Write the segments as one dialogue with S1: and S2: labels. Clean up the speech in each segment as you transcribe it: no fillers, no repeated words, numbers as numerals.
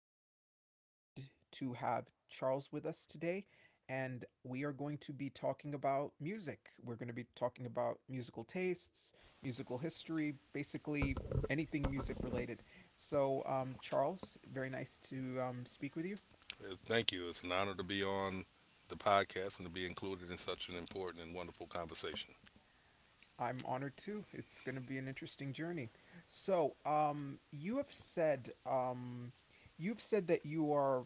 S1: and I am very excited to have Charles with us today. And we are going to be talking about music. We're going to be talking about musical tastes, musical history, basically anything music related. So, Charles, very nice to speak with you.
S2: Thank you. It's an honor to be on the podcast and to be included in such an important and wonderful conversation.
S1: I'm honored too. It's going to be an interesting journey. So, you've said that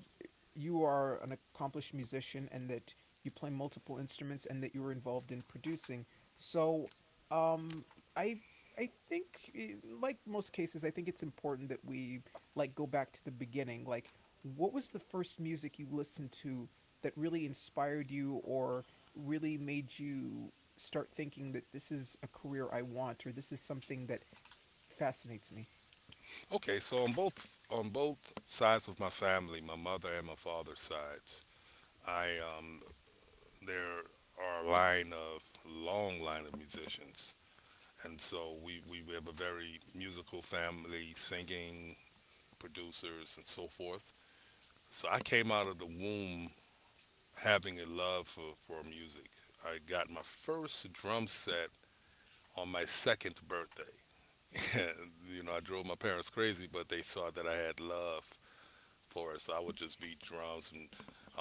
S1: you are an accomplished musician and that you play multiple instruments and that you were involved in producing. So, um, I, I think, like most cases, I think it's important that we like go back to the beginning. Like, what was the first music you listened to that really inspired you or really made you start thinking that this is a career I want or this is something that fascinates me.
S2: Okay, so on both sides of my family, my mother and my father's sides, I um, there are a line of long line of musicians, and so we have a very musical family, singing producers and so forth. So I came out of the womb having a love for music. I got my first drum set on my second birthday. I drove my parents crazy, but they saw that I had love for it. So I would just beat drums and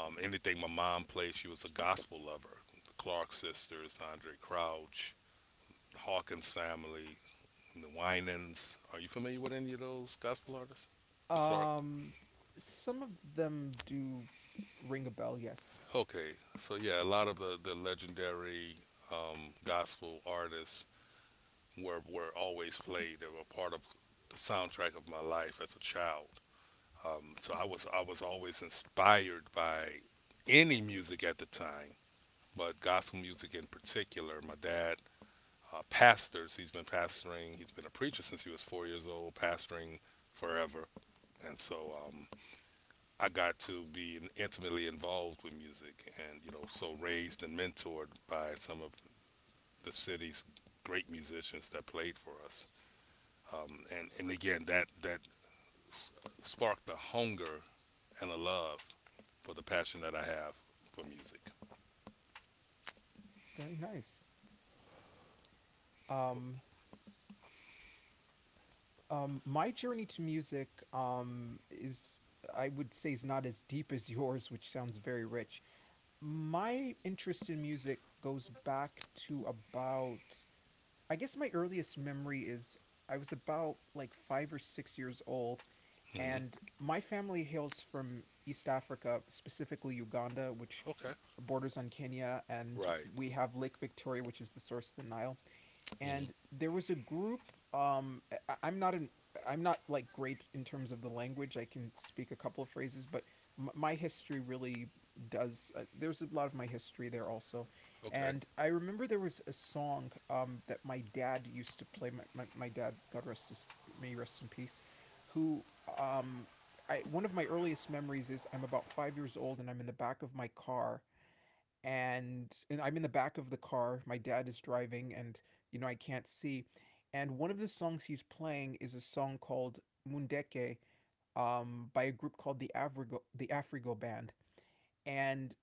S2: anything my mom played. She was a gospel lover. The Clark sisters, Andre Crouch, the Hawkins family, the Winans. Are you familiar with any of those gospel artists? The Clark.
S1: Um, some of them do ring a bell. Yes,
S2: Okay, so yeah, a lot of the legendary gospel artists were always played. They were part of the soundtrack of my life as a child. So I was always inspired by any music at the time, but gospel music in particular. My dad pastors. He's been pastoring. He's been a preacher since he was 4 years old, pastoring forever. And so I got to be intimately involved with music, and so raised and mentored by some of the city's great musicians that played for us. And again, s- sparked a hunger and a love for the passion that I have for music.
S1: very nice. Um, my journey to music is, I would say, is not as deep as yours, which sounds very rich. My interest in music goes back to about, I guess my earliest memory is I was about like 5 or 6 years old.
S2: Hmm.
S1: And my family hails from East Africa, specifically Uganda, which
S2: Okay.
S1: borders on Kenya, and
S2: Right.
S1: we have Lake Victoria, which is the source of the Nile.
S2: Hmm.
S1: And there was a group. I'm not in. I'm not like great in terms of the language. I can speak a couple of phrases, but my history really does. There's a lot of my history there also,
S2: Okay.
S1: and I remember there was a song that my dad used to play. My dad, God rest his, may rest in peace. who um, One of my earliest memories is I'm about 5 years old and I'm in the back of my car and I'm in the back of the car. My dad is driving, and you know I can't see. And one of the songs he's playing is a song called Mundeke, by a group called the Afrigo Band. And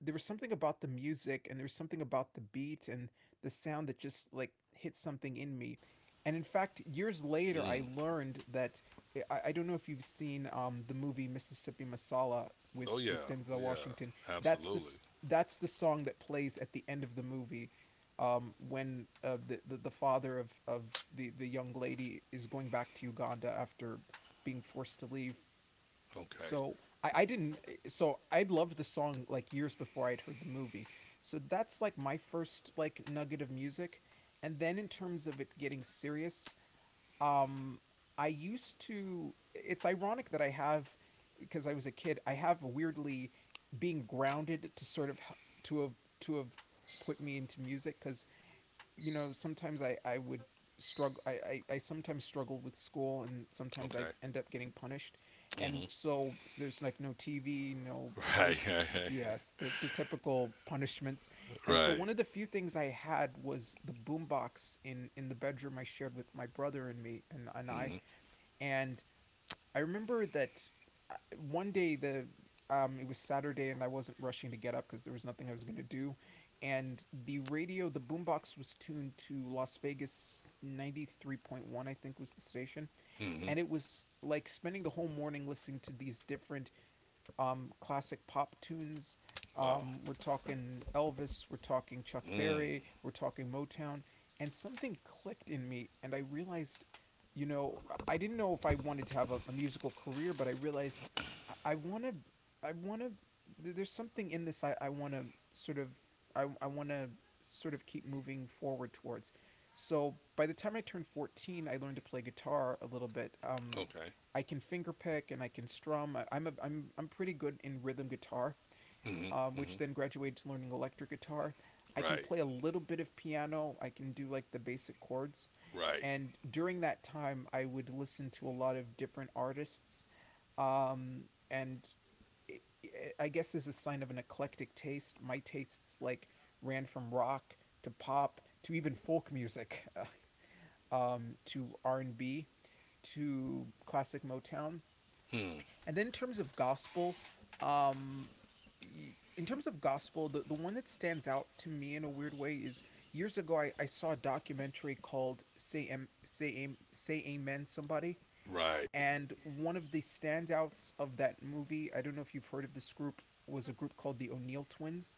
S1: there was something about the music and there was something about the beat and the sound that just like hit something in me. And in fact, years later, I
S2: Mm.
S1: learned that. I don't know if you've seen the movie Mississippi Masala with
S2: Oh yeah.
S1: Denzel
S2: Oh
S1: Washington.
S2: yeah.
S1: That's
S2: Absolutely.
S1: this that's the song that plays at the end of the movie when the father of the young lady is going back to Uganda after being forced to leave.
S2: Okay.
S1: So I didn't. So I'd loved the song like years before I'd heard the movie. So that's like my first like nugget of music. And then in terms of it getting serious, um, I used to. It's ironic that I have, because I was a kid. I have weirdly being grounded to sort of to have to have put me into music because you know, sometimes I would struggle, I sometimes struggled with school and sometimes I'd
S2: Okay.
S1: end up getting punished. And
S2: Hmm.
S1: so there's like no TV, no
S2: Right.
S1: others. Yes, the typical punishments.
S2: Right.
S1: And so
S2: Right.
S1: one of the few things I had was the boombox in the bedroom I shared with my brother and me and I.
S2: Hmm.
S1: And I remember that uh, one day the it was Saturday and I wasn't rushing to get up because there was nothing I was gonna do, and the boombox was tuned to Las Vegas 93.1, I think, was the station,
S2: Hmm.
S1: and it was like spending the whole morning listening to these different classic pop tunes.
S2: Wow.
S1: We're talking Elvis, we're talking Chuck Berry,
S2: Mm.
S1: we're talking Motown, and something clicked in me, and I realized, you know, I didn't know if I wanted to have a musical career, but I realized I want to, I want to. There's something in this I want to sort of, I want to sort of keep moving forward towards. So by the time I turned 14, I learned to play guitar a little bit.
S2: Okay.
S1: I can finger pick and I can strum. I'm pretty good in rhythm guitar,
S2: Hmm.
S1: which
S2: Hmm.
S1: then graduated to learning electric guitar. I can
S2: Right.
S1: play a little bit of piano. I can do like the basic chords.
S2: Right.
S1: And during that time, I would listen to a lot of different artists. Um, and i- I guess as a sign of an eclectic taste, my tastes like ran from rock to pop to even folk music, to R&B, to classic Motown,
S2: Mm.
S1: and then in terms of um, gospel, the one that stands out to me in a weird way is years ago I saw a documentary called Say Amen Somebody,
S2: Right.
S1: and one of the standouts of that movie, I don't know if you've heard of this group, was a group called the O'Neill Twins,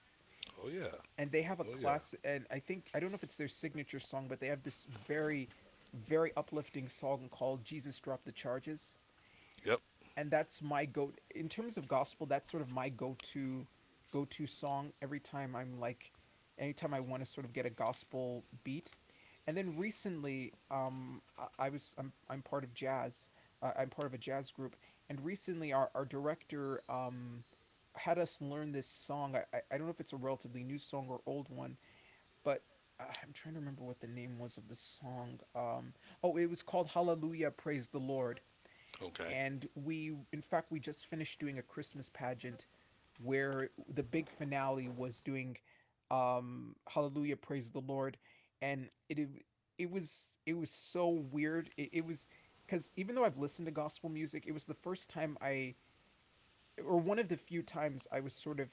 S2: Oh yeah.
S1: and they have
S2: Oh
S1: a
S2: yeah.
S1: class, and I think, I don't know if it's their signature song, but they have this very, very uplifting song called Jesus Drop the Charges,
S2: Yep.
S1: and that's my go, in terms of gospel, that's sort of my go-to song every time I'm like, anytime I want to sort of get a gospel beat. And then recently I'm part of jazz. Uh, I'm part of a jazz group, and recently our director had us learn this song. I don't know if it's a relatively new song or old one, but I'm trying to remember what the name was of the song. Oh, it was called Hallelujah Praise the Lord,
S2: Okay.
S1: and we in fact we just finished doing a Christmas pageant where the big finale was doing Hallelujah Praise the Lord. And it was so weird, it was because even though I've listened to gospel music, it was the first time, I or one of the few times, I was sort of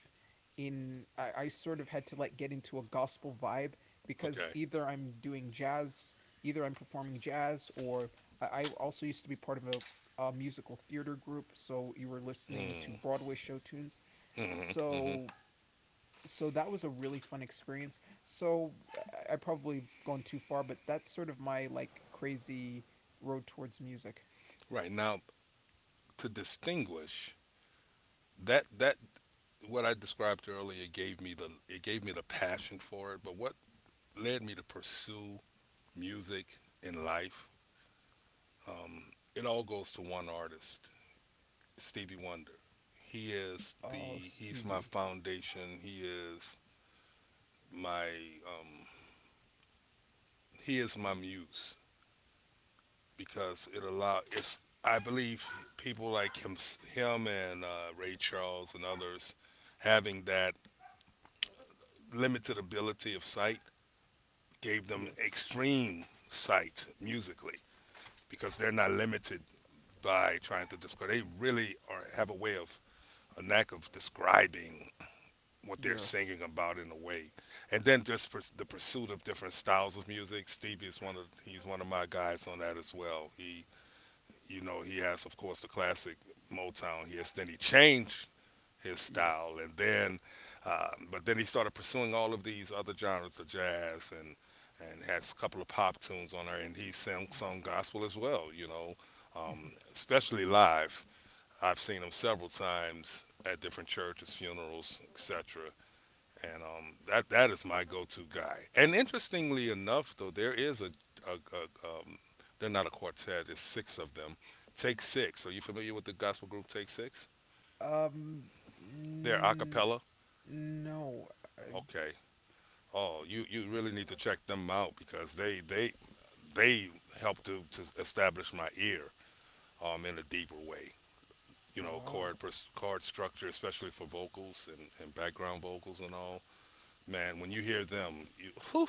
S1: in. I sort of had to like get into a gospel vibe because
S2: Okay.
S1: either I'm doing jazz, either I'm performing jazz, or I also used to be part of a musical theater group, so you were listening to
S2: Mm.
S1: Broadway show tunes.
S2: Hmm. Hmm.
S1: So so that was a really fun experience. So I probably gone too far, but that's sort of my like crazy road towards music.
S2: Right now, to distinguish that what I described earlier gave me the it gave me the passion for it. But what led me to pursue music in life, um, it all goes to one artist, Stevie Wonder. He is
S1: Oh,
S2: the he's my
S1: Stevie.
S2: foundation. My um, he is my muse because it allow it's I believe people like him and Ray Charles and others, having that limited ability of sight, gave them
S1: Yes.
S2: extreme sight musically, because they're not limited by trying to describe. They really are have a way of a knack of describing what they're
S1: Yes.
S2: singing about in a way. And then just for the pursuit of different styles of music, Stevie is one of my guys on that as well. He you know he has, of course, the classic Motown. He has then he changed his style. And then, but then he started pursuing all of these other genres of jazz and has a couple of pop tunes on there, and he sang
S1: Yes.
S2: sung gospel as well. Especially live. I've seen him several times at different churches, funerals, etc. And that is my go-to guy. And interestingly enough, though, there is a they're not a quartet. It's six of them. Take Six. Are you familiar with the gospel group Take Six?
S1: Um,
S2: They're a
S1: n-
S2: cappella.
S1: no. I,
S2: Okay. Oh, you really need to check them out because they help to establish my ear in a deeper way. You know,
S1: wow.
S2: chord structure, especially for vocals and background vocals and all. Man, when you hear them, you whew,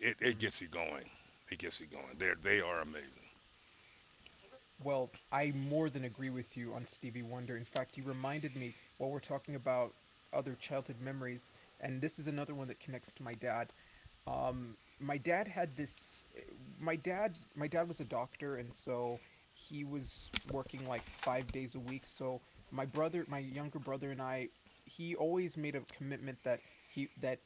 S2: it
S1: Hmm.
S2: gets you going. It gets you going. They are amazing.
S1: Well, I more than agree with you on Stevie Wonder. In fact, you reminded me while we're talking about other childhood memories, and this is another one that connects to my dad. My dad had this. My dad was a doctor, and so he was working like 5 days a week. So my brother, my younger brother, and I, he always made a commitment that he that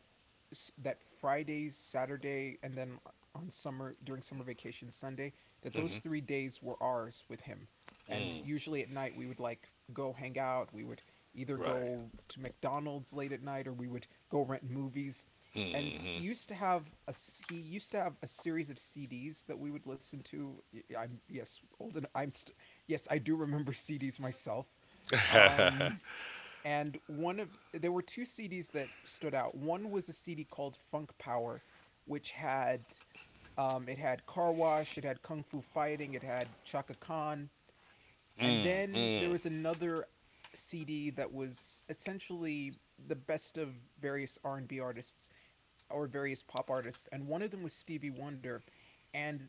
S1: Fridays, Saturday, and then on summer during summer vacation Sunday, that those
S2: Mm-hmm.
S1: 3 days were ours with him. And
S2: Mm,
S1: usually at night we would like go hang out. We would either
S2: right.
S1: go to McDonald's late at night or we would go rent movies, and
S2: Mm-hmm.
S1: he used to have a series of CDs that we would listen to. I'm yes old, and yes, I do remember CDs myself. Um, and one of there were two CDs that stood out. One was a CD called Funk Power, which had Car Wash, it had Kung Fu Fighting, it had Chaka Khan, and
S2: Mm,
S1: then there
S2: mm,
S1: was another CD that was essentially the best of various R&B artists or various pop artists, and one of them was Stevie Wonder. And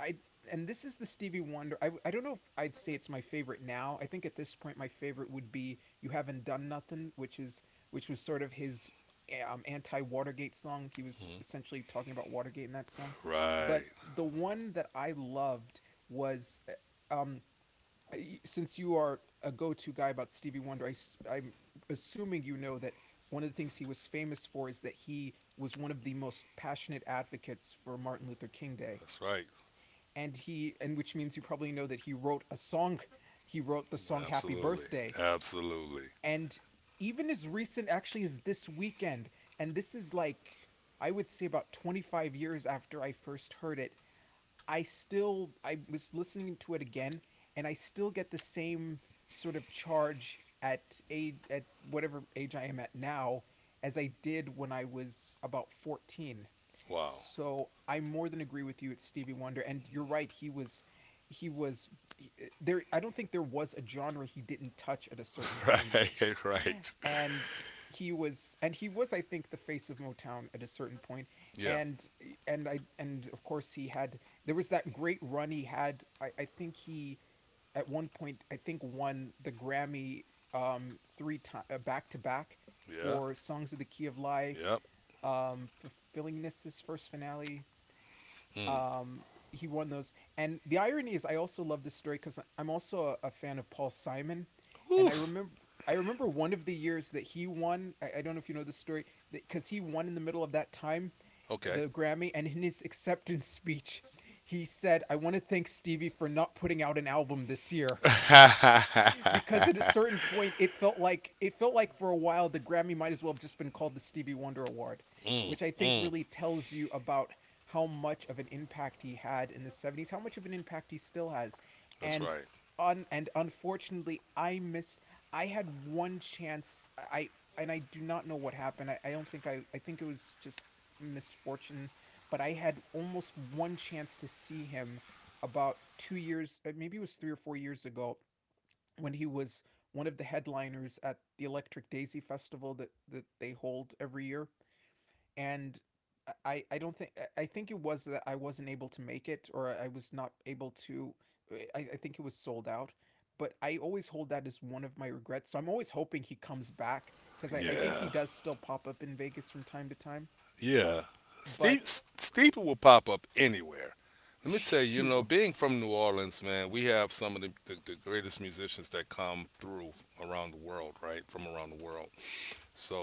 S1: I and this is the Stevie Wonder. I don't know if I'd say it's my favorite now. I think at this point my favorite would be "You Haven't Done Nothing," which was sort of his anti Watergate song. He was essentially talking about Watergate in that song.
S2: right.
S1: But the one that I loved was, uh, um, since you are a go-to guy about Stevie Wonder, I am assuming you know that one of the things he was famous for is that he was one of the most passionate advocates for Martin Luther King Day,
S2: That's right.
S1: and he and which means you probably know that he wrote a song. He wrote the song "Happy
S2: Absolutely.
S1: Birthday,"
S2: Absolutely.
S1: and even as recent actually as this weekend. And this is like, I would say, about 25 years after I first heard it. I was listening to it again, and I still get the same sort of charge at age at whatever age I am at now as I did when I was about 14.
S2: Wow.
S1: So I more than agree with you, it's Stevie Wonder. And you're right, he was he- there, I don't think there was a genre he didn't touch at a certain point.
S2: Right. Right.
S1: And he was and he was, I think, the face of Motown at a certain point.
S2: Yeah.
S1: and and of course he had, there was that great run he had. I think he, at one point, I think, won the Grammy three time back to back
S2: Yeah.
S1: for Songs of the Key of Life,
S2: Yep.
S1: Fulfillingness' his first Finale.
S2: Mm.
S1: um, he won those. And the irony is, I also love this story because I'm also a fan of Paul Simon, and
S2: Oof.
S1: I remember one of the years that he won. I don't know if you know this story, because he won in the middle of that time,
S2: Okay.
S1: the Grammy, and in his acceptance speech, he said, "I want to thank Stevie for not putting out an album this year," because at a certain point it felt like, for a while, the Grammy might as well have just been called the Stevie Wonder Award,
S2: Mm.
S1: which I think
S2: Mm.
S1: really tells you about how much of an impact he had in the 70s, how much of an impact he still has.
S2: That's
S1: And
S2: right.
S1: unfortunately I missed, I had one chance I and I do not know what happened. I don't think I think it was just misfortune, but I had almost one chance to see him about 2 years, maybe it was 3 or 4 years ago, when he was one of the headliners at the Electric Daisy Festival that, that they hold every year. And I don't think, I think it was that I wasn't able to make it, or I was not able to, I think it was sold out. But I always hold that as one of my regrets. So I'm always hoping he comes back because I think he
S2: Yeah.
S1: does still pop up in Vegas from time to time.
S2: Yeah. Steep,
S1: But
S2: Steeple will pop up anywhere. Let me tell you, being from New Orleans, man, we have some of the greatest musicians that come through, around the world, right? From around the world.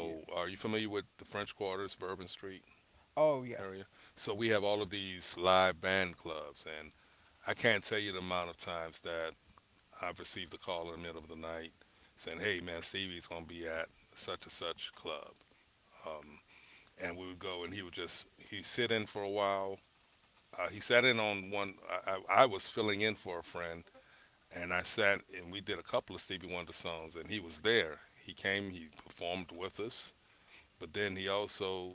S2: are
S1: yes.
S2: you familiar with the French Quarters, Bourbon Street
S1: Oh
S2: area?
S1: yes.
S2: So, we have all of these live band clubs, and I can't tell you the amount of times that I've received a call in the middle of the night saying, "Hey, man, Stevie's gonna be at such and such club," um, and we would go, and he would just he sit in for a while. He sat in on one. I was filling in for a friend, and I sat and we did a couple of Stevie Wonder songs, and he was there. He came, he performed with us, but then he also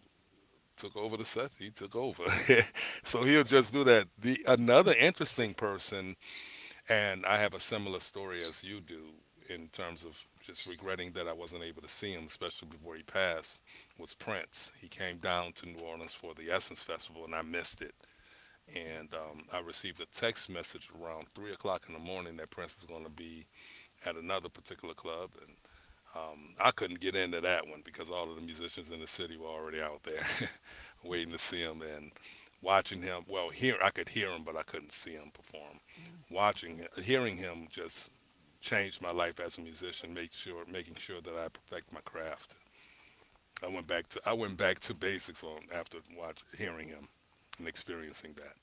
S2: took over the set. He took over. So he'll just do that. The another interesting person, and I have a similar story as you do, in terms of just regretting that I wasn't able to see him, especially before he passed, was Prince. He came down to New Orleans for the Essence Festival, and I missed it. And
S1: Mm,
S2: I received a text message around 3 o'clock in the morning that Prince is going to be at another particular club, and I couldn't get into that one because all of the musicians in the city were already out there waiting
S1: mm,
S2: to see him and watching him. Well, here I could hear him, but I couldn't see him perform.
S1: mm.
S2: Watching, hearing him just changed my life as a musician. Making sure that I perfect my craft. I went back to basics on after watch, hearing him and experiencing that.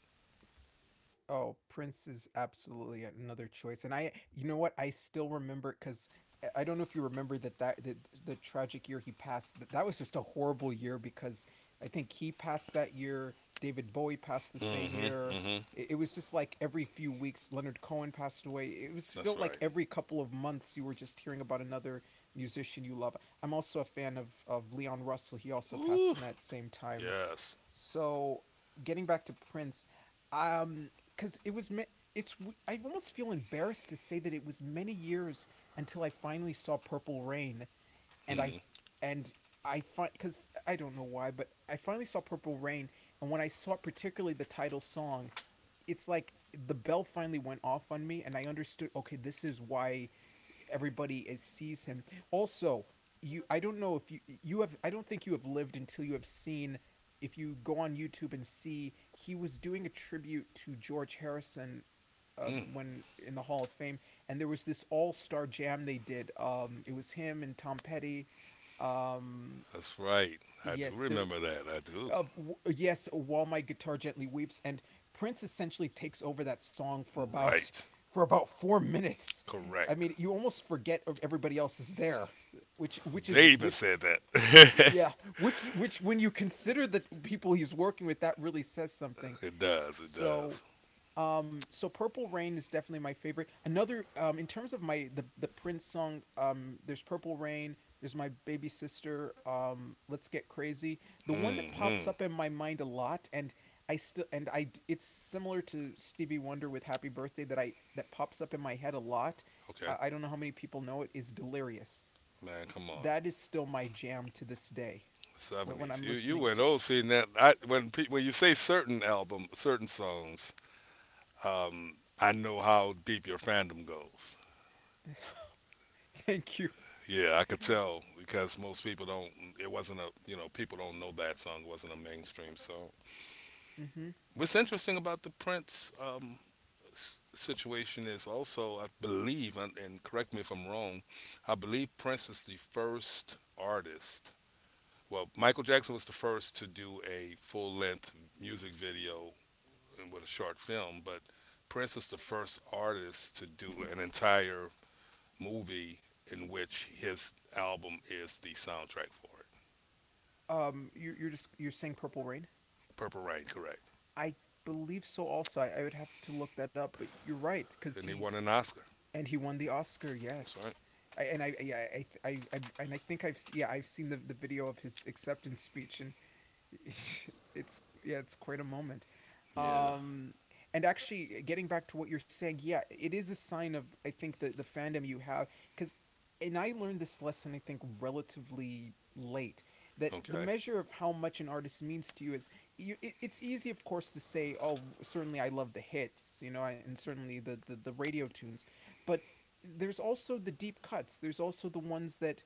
S1: Oh, Prince is absolutely another choice. And I, you know what? I still remember because I don't know if you remember that the tragic year he passed. That was just a horrible year because I think he passed that year. David Bowie passed the same
S2: Mm-hmm.
S1: year.
S2: Mm-hmm.
S1: It was just like every few weeks, Leonard Cohen passed away. It was
S2: That's
S1: felt like
S2: right.
S1: every couple of months you were just hearing about another musician you love. I'm also a fan of Leon Russell. He also passed
S2: Ooh.
S1: in that same time.
S2: Yes.
S1: So getting back to Prince, because it was me- it's, I almost feel embarrassed to say that it was many years until I finally saw Purple Rain. and I
S2: Mm-hmm.
S1: and I find, because I don't know why, but I finally saw Purple Rain, and when I saw particularly the title song, it's like the bell finally went off on me, and I understood. Okay, this is why everybody sees him. Also, you I don't know if you, you have I don't think you have lived until you have seen, if you go on YouTube and see, he was doing a tribute to George Harrison
S2: Mm.
S1: when in the Hall of Fame, and there was this all-star jam they did. It was him and Tom Petty. um
S2: That's right. I do
S1: yes, there,
S2: remember that. I do.
S1: of, yes, while my guitar gently weeps, and Prince essentially takes over that song for about
S2: Right.
S1: for about 4 minutes. I
S2: Correct.
S1: mean, you almost forget everybody else is there, which which is
S2: They even
S1: which
S2: said that.
S1: yeah, which, when you consider the people he's working with, that really says something.
S2: It does. It
S1: So
S2: does.
S1: so Purple Rain is definitely my favorite. Another, in terms of my the Prince song, there's Purple Rain, there's my baby sister, Let's Get Crazy. The one that pops
S2: Mm-hmm.
S1: up in my mind a lot, and I still and I, it's similar to Stevie Wonder with Happy Birthday, that I that pops up in my head a lot.
S2: Okay,
S1: I don't know how many people know it, is Delirious.
S2: man, come on.
S1: That is still my jam to this day. When,
S2: Seventies.
S1: I'm
S2: You
S1: listening
S2: went
S1: to,
S2: old seeing that. When you say certain album, certain songs, I know how deep your fandom goes.
S1: thank you.
S2: Yeah, I could tell because most people don't. It wasn't a you know People don't know that song. It wasn't a mainstream song.
S1: hmm
S2: What's interesting about the Prince situation is also, I believe, and correct me if I'm wrong, I believe Prince is the first artist. Well, Michael Jackson was the first to do a full length music video, and with a short film, but Prince is the first artist to do an entire movie in which his album is the soundtrack for it.
S1: You, are you're just you're saying Purple Rain.
S2: Purple Rain, correct.
S1: I believe so. Also, I would have to look that up, but you're right because
S2: And he
S1: he
S2: won an Oscar.
S1: and he won the Oscar.
S2: That's right.
S1: Yes. I, and I, yeah, I, and I think I've seen the video of his acceptance speech, and it's yeah, it's quite a moment.
S2: Yeah.
S1: Um, and actually, getting back to what you're saying, yeah, it is a sign of, I think, the fandom you have, because, and I learned this lesson, I think, relatively late, that the
S2: Okay.
S1: measure of how much an artist means to you is, it's easy, of course, to say, oh, certainly I love the hits, you know, and certainly the radio tunes, but there's also the deep cuts, there's also the ones that,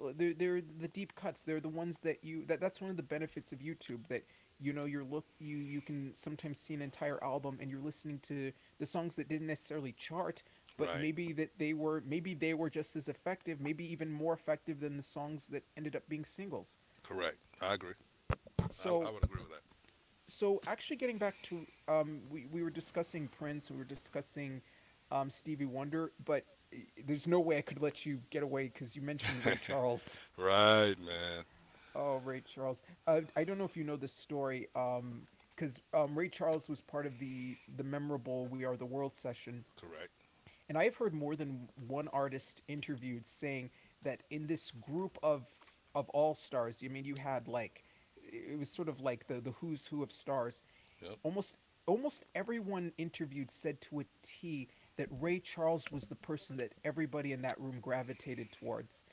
S1: they're the deep cuts, they're the ones that you that that's one of the benefits of YouTube, that, you know, you're look you you can sometimes see an entire album, and you're listening to the songs that didn't necessarily chart, but
S2: Right.
S1: maybe that they were, maybe they were just as effective, maybe even more effective than the songs that ended up being singles.
S2: Correct. I agree. I
S1: So,
S2: would agree with that.
S1: so actually, getting back to, we were discussing Prince, we were discussing, Stevie Wonder, but eh, there's no way I could let you get away because you mentioned Ray Charles.
S2: Right, man.
S1: Oh, Ray Charles. I don't know if you know this story, because Ray Charles was part of the memorable "We Are the World" session,
S2: Correct.
S1: and I have heard more than one artist interviewed saying that in this group of all stars, I mean, you had like, it was sort of like the who's who of stars.
S2: Yep.
S1: Almost Almost everyone interviewed said, to a T, that Ray Charles was the person that everybody in that room gravitated towards.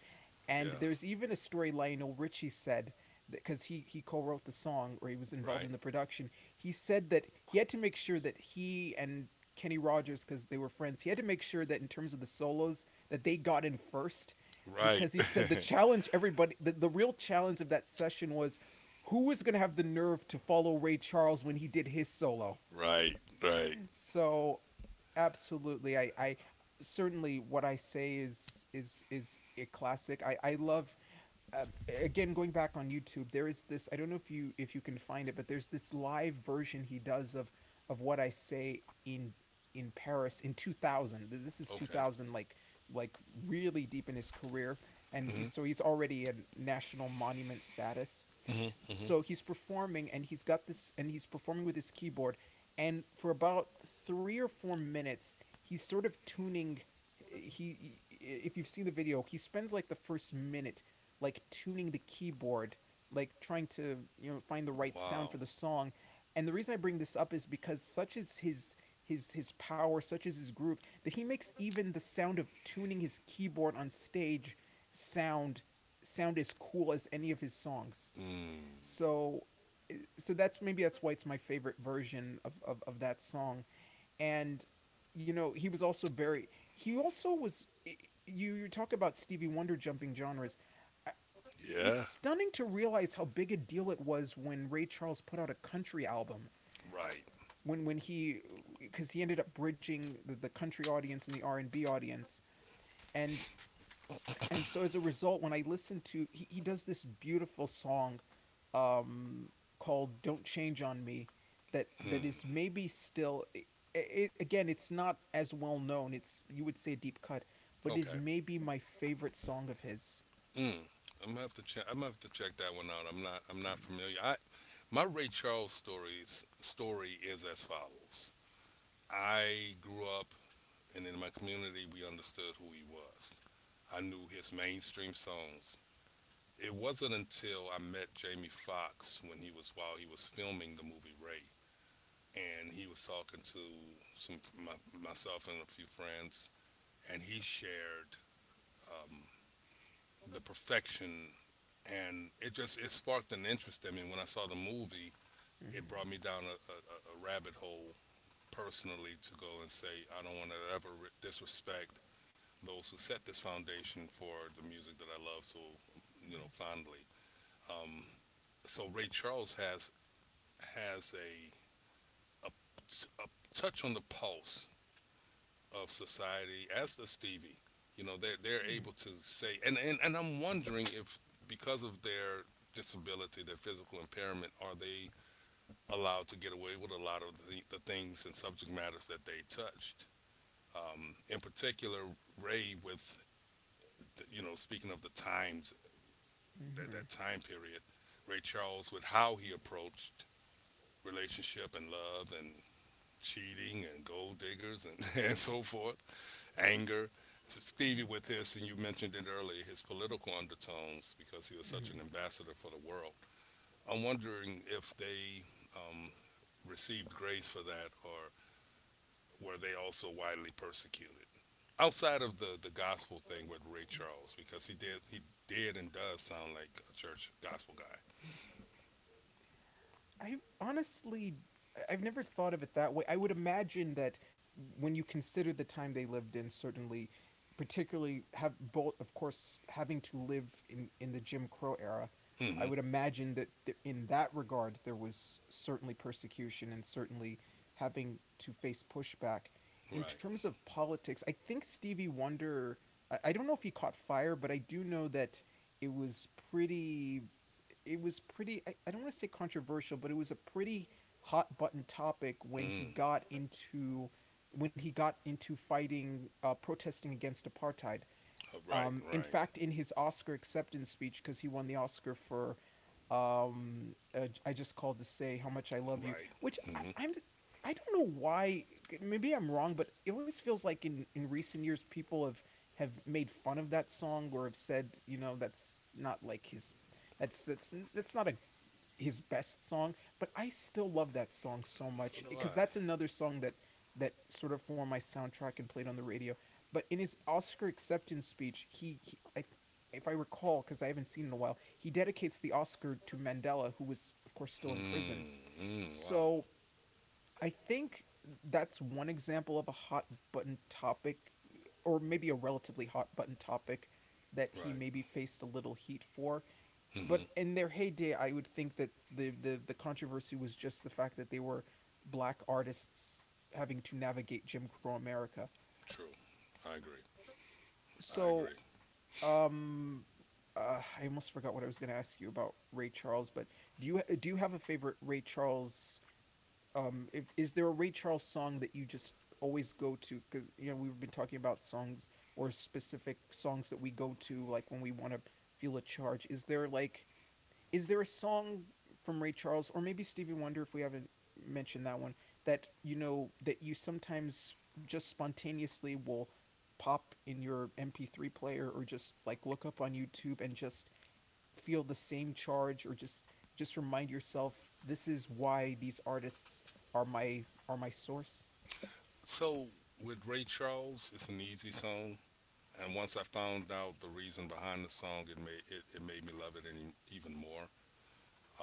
S1: And
S2: Yeah.
S1: there's even a story Lionel Richie said, because he co-wrote the song, or he was involved
S2: Right.
S1: in the production. He said that he had to make sure that he and Kenny Rogers, because they were friends, he had to make sure that in terms of the solos, that they got in first,
S2: Right.
S1: because he said the challenge, the real challenge of that session was, who was going to have the nerve to follow Ray Charles when he did his solo.
S2: Right. Right.
S1: So absolutely, I certainly, what I say is is a classic. I love, um, again, going back on YouTube, there is this, I don't know if you, if you can find it, but there's this live version he does of What I Say in Paris in 2000. This is
S2: Okay.
S1: 2000, like really deep in his career, and
S2: Mhm.
S1: he's so, he's already a national monument status.
S2: Mhm. Mhm.
S1: So he's performing, and he's got this, and he's performing with his keyboard, and for about 3 or 4 minutes, he's sort of tuning. He, if you've seen the video, he spends like the first minute like tuning the keyboard, like trying to, you know, find the right sound for
S2: Wow.
S1: the song. And the reason I bring this up is because such is his, his power, such is his groove, that he makes even the sound of tuning his keyboard on stage sound, sound as cool as any of his songs.
S2: Mm.
S1: So, so that's, maybe that's why it's my favorite version of that song. And, you know, he was also very, he also was, you talk about Stevie Wonder jumping genres. It's
S2: Yeah.
S1: stunning to realize how big a deal it was when Ray Charles put out a country album,
S2: Right.
S1: when he, because he ended up bridging the country audience and the R&B audience, and and so as a result, when I listen to, he does this beautiful song, um, called "Don't Change on Me," that that is
S2: Mm.
S1: maybe still, I, again, it's not as well known. It's, you would say, a deep cut, but is
S2: Okay.
S1: maybe my favorite song of his.
S2: Mm. I'm gonna have to check. I'm gonna have to check that one out. I'm not. I'm not
S1: Mm.
S2: familiar. I my Ray Charles stories story is as follows. I grew up, and in my community, we understood who he was. I knew his mainstream songs. It wasn't until I met Jamie Foxx when he was filming the movie Ray, and he was talking to some my, myself and a few friends, and he shared um, the perfection, and it just it sparked an interest in me. When I saw the movie, it
S1: Mhm.
S2: brought me down a, a rabbit hole personally, to go and say I don't want to ever disrespect those who set this foundation for the music that I love so fondly. Um, so Ray Charles has a, a touch on the pulse of society, as does Stevie. You know, they're able to say, and I'm wondering if, because of their disability, their physical impairment, are they allowed to get away with a lot of the things and subject matters that they touched? In particular, Ray, with, the, you know, speaking of the times,
S1: Mhm.
S2: that,
S1: Mhm.
S2: that time period, Ray Charles, with how he approached relationship and love and cheating and gold diggers and, and so forth, anger.
S1: Mhm.
S2: Stevie with his, and you mentioned it earlier, his political undertones, because he was
S1: Mhm.
S2: such an ambassador for the world. I'm wondering if they um, received grace for that, or were they also widely persecuted? Outside of the gospel thing with Ray
S1: Mhm.
S2: Charles, because he did and does sound like a church gospel guy.
S1: I've honestly, I- have never thought of it that way. I would imagine that when you consider the time they lived in, certainly, particularly have both, of course, having to live in the Jim Crow era, I
S2: Mm-hmm.
S1: would imagine that in that regard there was certainly persecution and certainly having to face pushback. In
S2: Right.
S1: terms of politics, I think Stevie Wonder. I don't know if he caught fire, but I do know that it was pretty I don't want to say controversial, but it was a pretty hot button topic
S2: Mm.
S1: when he got into fighting protesting against apartheid.
S2: Right.
S1: In
S2: Right.
S1: fact, in his Oscar acceptance speech, because he won the Oscar for I Just Called to Say How Much I Love You,
S2: Right.
S1: which I,
S2: Mm-hmm.
S1: I'm I don't know why. Maybe I'm wrong, but it always feels like in recent years people have made fun of that song or have said that's not like his that's not a his best song, but I still love that song so much
S2: So do
S1: because
S2: I.
S1: that's another song that sort of formed my soundtrack and played on the radio. But in his Oscar acceptance speech, if I recall, because I haven't seen it in a while, he dedicates the Oscar to Mandela, who was of course still in prison.
S2: Mm. Mm. Wow.
S1: So I think that's one example of a hot button topic, or maybe a relatively hot button topic that he maybe
S2: Right.
S1: faced a little heat for, but
S2: Mm-hmm.
S1: in their heyday, I would think that the controversy was just the fact that they were black artists having to navigate Jim Crow America.
S2: True. I agree. I
S1: So,
S2: agree.
S1: um, I almost forgot what I was going to ask you about Ray Charles. But do you have a favorite Ray Charles? If is there a Ray Charles song that you just always go to? Because you know we've been talking about songs or specific songs that we go to, like when we want to feel a charge. Is there like is there a song from Ray Charles or maybe Stevie Wonder if we haven't mentioned that one that you know that you sometimes just spontaneously will pop in your MP3 player or just like look up on YouTube and just feel the same charge or just remind yourself this is why these artists are my source.
S2: So with Ray Charles, it's an easy song, and once I found out the reason behind the song, it made me love it even more.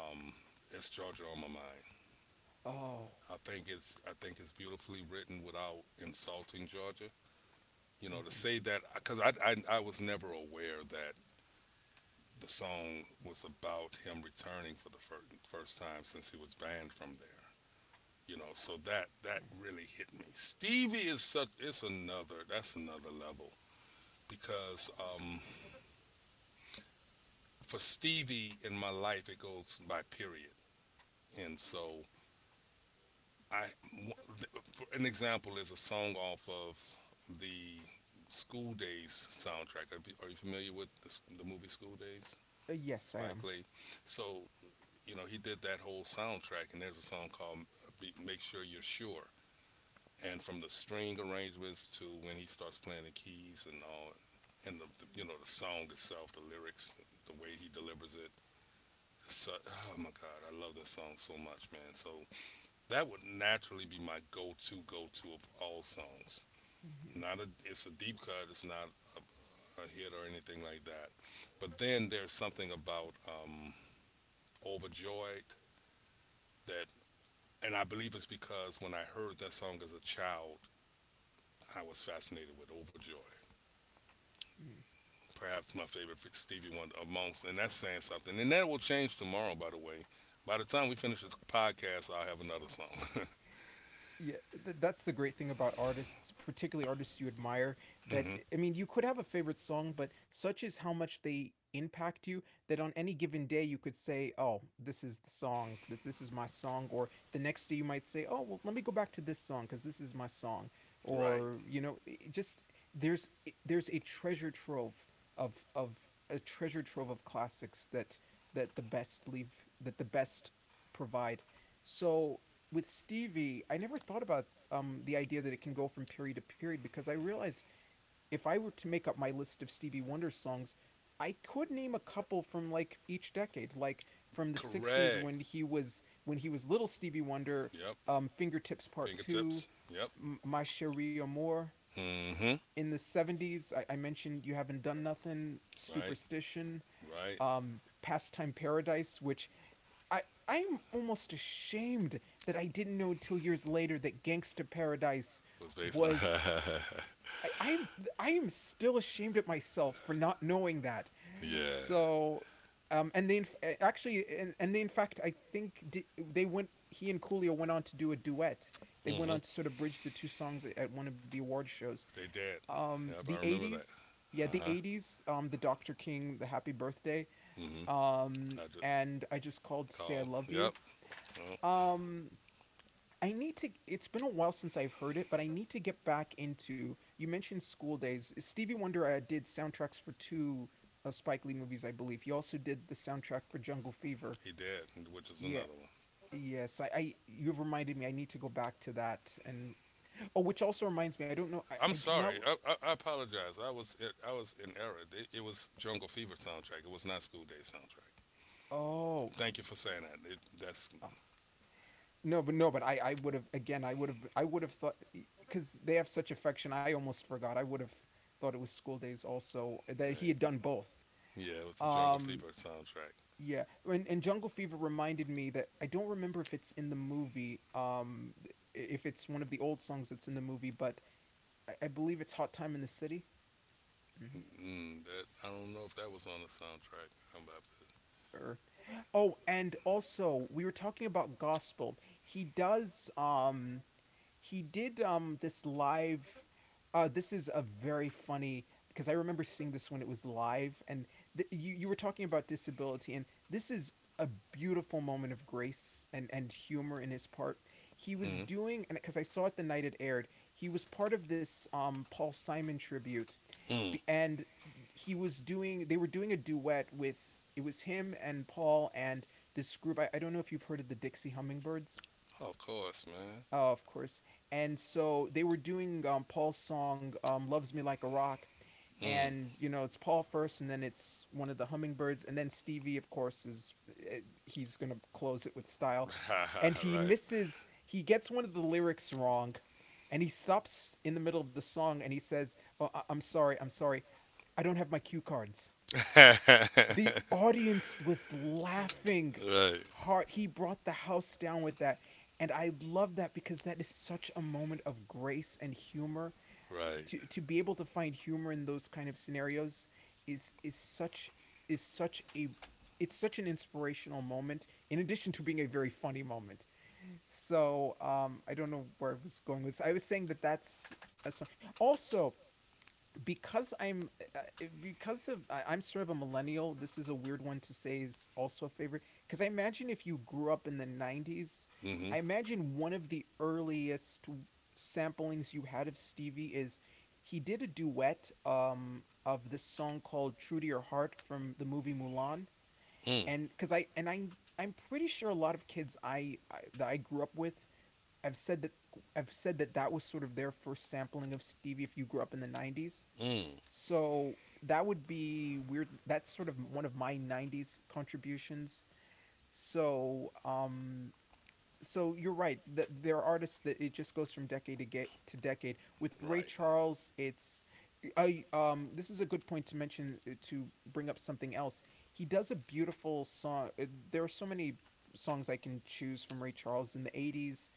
S2: Um, it's Georgia on my mind.
S1: Oh,
S2: I think it's beautifully written without insulting Georgia. You know,
S1: mm-hmm.
S2: to say that because I was never aware that the song was about him returning for the first time since he was banned from there. You know, so that really hit me. Stevie is such— it's another that's another level because for Stevie in my life, it goes by period. And so I For an example, is a song off of the School Days soundtrack. Are you familiar with the movie School Days?
S1: Yes, I am.
S2: Spike Lee. So you know, he did that whole soundtrack, and there's a song called Make Sure You're Sure. And from the string arrangements to when he starts playing the keys and all, and the the song itself, the lyrics, the way he delivers it. So, oh my God, I love that song so much, man. So that would naturally be my go-to of all songs.
S1: Mm-hmm.
S2: Not a, It's a deep cut. It's not a, a hit or anything like that. But then there's something about Overjoyed that— and I believe it's because when I heard that song as a child, I was fascinated with Overjoyed.
S1: Mm.
S2: Perhaps my favorite Stevie Wonder amongst— and that's saying something. And that will change tomorrow, by the way. By the time we finish this podcast, I'll have another song.
S1: Yeah, that's the great thing about artists, particularly artists you admire, that
S2: Hmm.
S1: I mean you could have a favorite song, but such is how much they impact you that on any given day you could say, oh, this is the song, that this is my song, or the next day you might say, oh well, let me go back to this song because this is my song.
S2: Right.
S1: Or you know it it just there's there's a treasure trove of a treasure trove of classics that that the best leave that the best provide. So with Stevie, I never thought about the idea that it can go from period to period, because I realized if I were to make up my list of Stevie Wonder songs, I could name a couple from like each decade, like from the '60s when
S2: Correct.
S1: he was little Stevie Wonder,
S2: Yep.
S1: "Fingertips Part Two,"
S2: Fingertips. Yep.
S1: "My Cherie Amour."
S2: mm hmm
S1: In the '70s, I mentioned "You Haven't Done Nothing,"
S2: Right.
S1: "Superstition,"
S2: Right.
S1: "Pastime Paradise," which I I'm almost ashamed that I didn't know until years later that Gangsta Paradise
S2: Was based on.
S1: was. I I'm I am still ashamed at myself for not knowing that.
S2: Yeah.
S1: So and they in fact I think they went, he and Coolio went on to do a duet. They
S2: mm
S1: went on
S2: hmm
S1: to sort of bridge the two songs at one of the award shows.
S2: They dead. Yep.
S1: The
S2: I remember that.
S1: 80s, yeah,
S2: Uh
S1: the
S2: huh.
S1: 80s, the Dr. King, the Happy Birthday,
S2: mm hmm I just
S1: and I Just Called to Say I
S2: called.
S1: Love You.
S2: Yep. Well,
S1: um, I need to. It's been a while since I've heard it, but I need to get back into. You mentioned School Days. Stevie Wonder did soundtracks for two Spike Lee movies, I believe. He also did the soundtrack for Jungle Fever.
S2: he dead, which is
S1: Yeah,
S2: another one.
S1: yeah. So I you've reminded me. I need to go back to that. And oh, which also reminds me. I don't know. I
S2: I'm
S1: do not.
S2: sorry. I apologize. I was in error. It was Jungle Fever soundtrack. It was not School Day soundtrack.
S1: Oh,
S2: Thank you for saying that. That's
S1: oh. No, but no, but I would have again. I would have. I would have thought because they have such affection. I almost forgot. I would have thought it was School Days also, that he had
S2: right.
S1: done both.
S2: Yeah. It was the Jungle
S1: Um,
S2: Fever soundtrack.
S1: yeah, and Jungle Fever reminded me that I don't remember if it's in the movie, if it's one of the old songs that's in the movie, but I believe it's Hot Time in the City. Mhm.
S2: Mm, that I don't know if that was on the soundtrack. I'm about
S1: Or, oh, and also we were talking about gospel. He does he did this live this is a very funny, because I remember seeing this when it was live, and you were talking about disability, and this is a beautiful moment of grace and humor in his part. He
S2: to.
S1: was
S2: Mm.
S1: doing, and because I saw it the night it aired, he was part of this Paul Simon tribute.
S2: Mm.
S1: Be- and He was doing, they were doing a duet with, it was him and Paul and this group. I don't know if you've heard of the Dixie Hummingbirds.
S2: Oh, of course, man.
S1: Of course. And so they were doing Paul's song "Loves Me Like a Rock," and you know it's Paul first, and then it's one of the hummingbirds, and then Stevie, of course, is eh, he's gonna close it with style, and he
S2: Mm.
S1: misses. He gets one of the lyrics wrong, and he stops in the middle of the song, and he says, "Oh, I'm sorry, I don't have my cue cards."
S2: Right.
S1: The audience was laughing
S2: Right.
S1: hard. He brought the house down with that. And I love that because that is such a moment of grace and humor.
S2: Right.
S1: To be able to find humor in those kind of scenarios is is such is such a it's such an inspirational moment in addition to being a very funny moment. So, I don't know where I was going with this. I was saying that that's a song. Also, because I'm because of I'm sort of a millennial. This is a weird one to say, is also a favorite, because I imagine if you grew up in the '90s,
S2: Mhm.
S1: I imagine one of the earliest samplings you had of Stevie is he did a duet of this song called "True to Your Heart" from the movie Mulan,
S2: Mm.
S1: and because I and I. I'm pretty sure a lot of kids I that I grew up with have said that that was sort of their first sampling of Stevie if you grew up in the '90s.
S2: Mm.
S1: So that would be weird. That's sort of one of my '90s contributions. So, so you're right. There are artists that it just goes from decade to, to decade. With Ray
S2: Right.
S1: Charles, it's I this is a good point to mention, to bring up something else. He does a beautiful song. There are so many songs I can choose from Ray Charles in the 80s.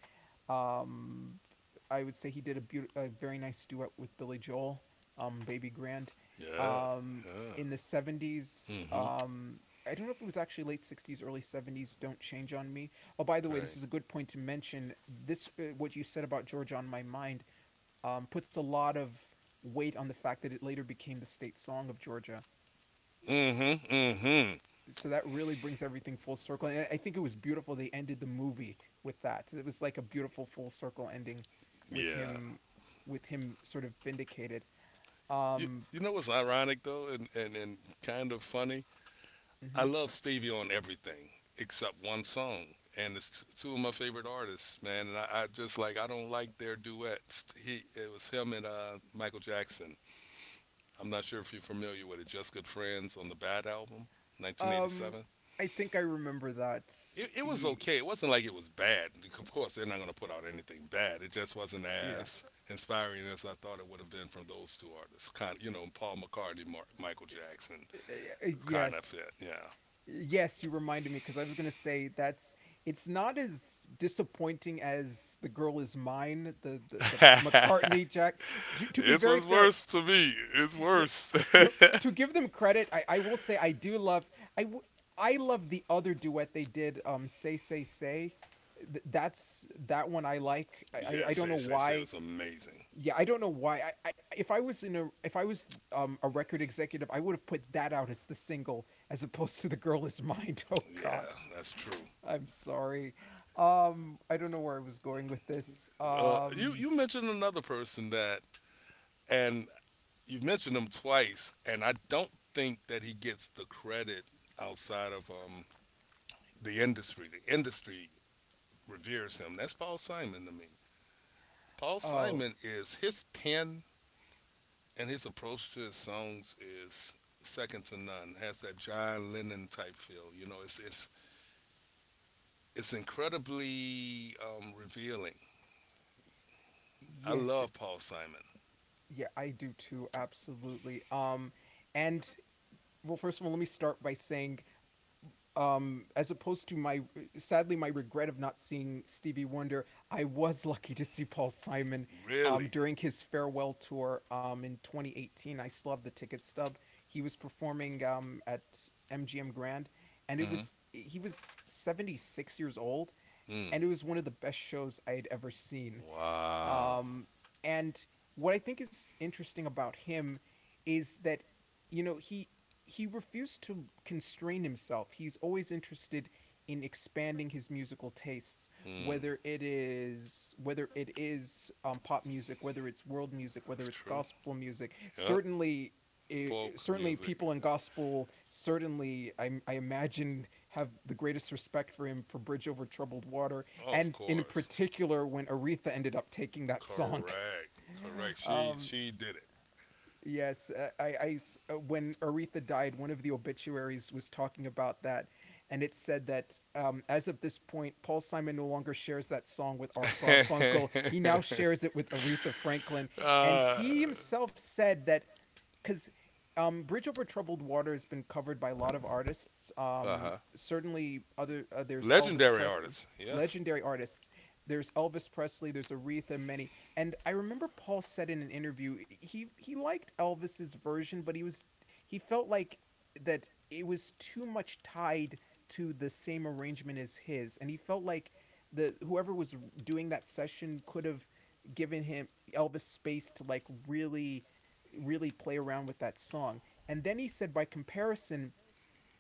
S1: Um, I would say he did a, a very nice duet with Billy Joel, Baby Grand.
S2: Yeah.
S1: Um,
S2: Yeah.
S1: in the 70s,
S2: Mhm.
S1: I don't know if it was actually late 60s, early 70s, Don't Change on Me. Oh, by the way, this
S2: Right.
S1: is a good point to mention. This, what you said about George on My Mind, puts a lot of weight on the fact that it later became the state song of Georgia.
S2: Mhm. Mhm.
S1: So that really brings everything full circle, and I think it was beautiful they ended the movie with that. It was like a beautiful full circle ending with
S2: Yeah.
S1: him, with him sort of vindicated.
S2: You,
S1: um
S2: you know what's ironic though, and kind of funny? I
S1: mhm.
S2: love Stevie on everything except one song, and it's two of my favorite artists, man. And I just, like, I don't like their duets. He— it was him and Michael Jackson. I'm not sure if you're familiar with it. Just Good Friends on the Bad album,
S1: um
S2: 1987.
S1: I think I remember that.
S2: It was okay. It wasn't like it was bad. Of course, they're not going to put out anything bad. It just wasn't
S1: Yeah.
S2: as inspiring as I thought it would have been from those two artists. Kind— you know, Paul McCartney, Michael Jackson.
S1: Uh,
S2: Kind of fit.
S1: yes,
S2: Yeah.
S1: yes, you reminded me, because I was going to say that's it's not as disappointing as The Girl Is Mine, the the McCartney Jack, to be
S2: It's
S1: very
S2: what's
S1: fair.
S2: worse to me. It's
S1: No
S2: worse.
S1: No, to give them credit, I will say I do love I love the other duet they did. Say Say Say, that's that one I like. I
S2: Yeah,
S1: I don't know
S2: Say Say Say
S1: why.
S2: was amazing.
S1: Yeah, I don't know why. I if I was in a if I was a record executive, I would have put that out as the single as opposed to The Girl Is Mine. Oh
S2: Yeah,
S1: God,
S2: that's true.
S1: I'm sorry. I don't know where I was going with this.
S2: You you mentioned another person that— and you've mentioned him twice, and I don't think that he gets the credit outside of the industry. The industry reveres him. That's Paul Simon to me. Paul
S1: Oh
S2: Simon is his pen, and his approach to his songs is second to none. Has that John Lennon type feel. You know, it's incredibly revealing. I
S1: yes,
S2: love Paul Simon.
S1: yeah, I do too. Absolutely. And well, first of all, let me start by saying, as opposed to my sadly my regret of not seeing Stevie Wonder, I was lucky to see Paul Simon
S2: Really.
S1: during his farewell tour in 2018. I still have the ticket stub. He was performing at MGM Grand, and it
S2: Mm-hmm.
S1: was he was 76 years old,
S2: Mm.
S1: and it was one of the best shows I had ever seen.
S2: Wow.
S1: Um, and what I think is interesting about him is that, you know, he refused to constrain himself. He's always interested in expanding his musical tastes,
S2: Mm.
S1: whether it is pop music, whether it's world music,
S2: That's
S1: whether it's
S2: true.
S1: gospel music.
S2: Yep.
S1: Certainly, I
S2: Folk
S1: certainly
S2: music.
S1: people in gospel certainly I imagine have the greatest respect for him for Bridge Over Troubled Water,
S2: Oh, of
S1: and in
S2: course.
S1: particular when Aretha ended up taking that song.
S2: Correct. Correct. She
S1: Um,
S2: she did
S1: yes, uh, I, I, when Aretha died, one of the obituaries was talking about that, and it said that as of this point, Paul Simon no longer shares that song with Art Garfunkel. He
S2: it.
S1: now shares it with Aretha Franklin, and
S2: uh
S1: he himself said that because Bridge Over Troubled Water has been covered by a lot of artists.
S2: huh.
S1: Certainly, other There's Elvis
S2: Legendary
S1: Presley,
S2: artist. Yes.
S1: legendary artists. There's Elvis Presley. There's Aretha, many. And I remember Paul said in an interview he liked Elvis's version, but he felt like that it was too much tied to the same arrangement as his, and he felt like the whoever was doing that session could have given him Elvis space to like really play around with that song. And then he said, by comparison,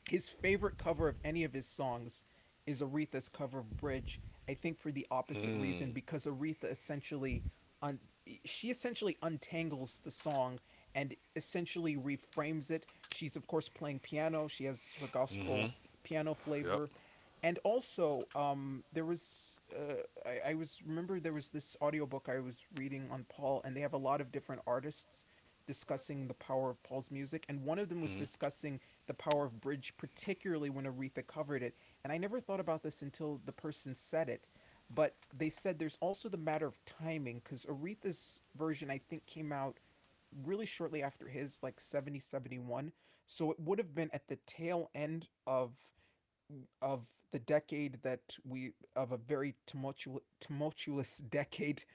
S1: his favorite cover of any of his songs is Aretha's cover of Bridge. I think for the opposite
S2: Mm.
S1: reason because Aretha essentially un- she essentially untangles the song and essentially reframes it. She's of course playing piano. She has her
S2: Mm-hmm.
S1: gospel piano
S2: Yep.
S1: flavor. And also, there was I was remember there was this audiobook I was reading on Paul, and they have a lot of different artists discussing the power of Paul's music, and one of them was
S2: Mm-hmm.
S1: discussing the power of bridge, particularly when Aretha covered it. And I never thought about this until the person said it, but they said there's also the matter of timing because Aretha's version, I think, came out really shortly after his, like '70, '71. So it would have been at the tail end of of the decade that we of a very tumultuous decade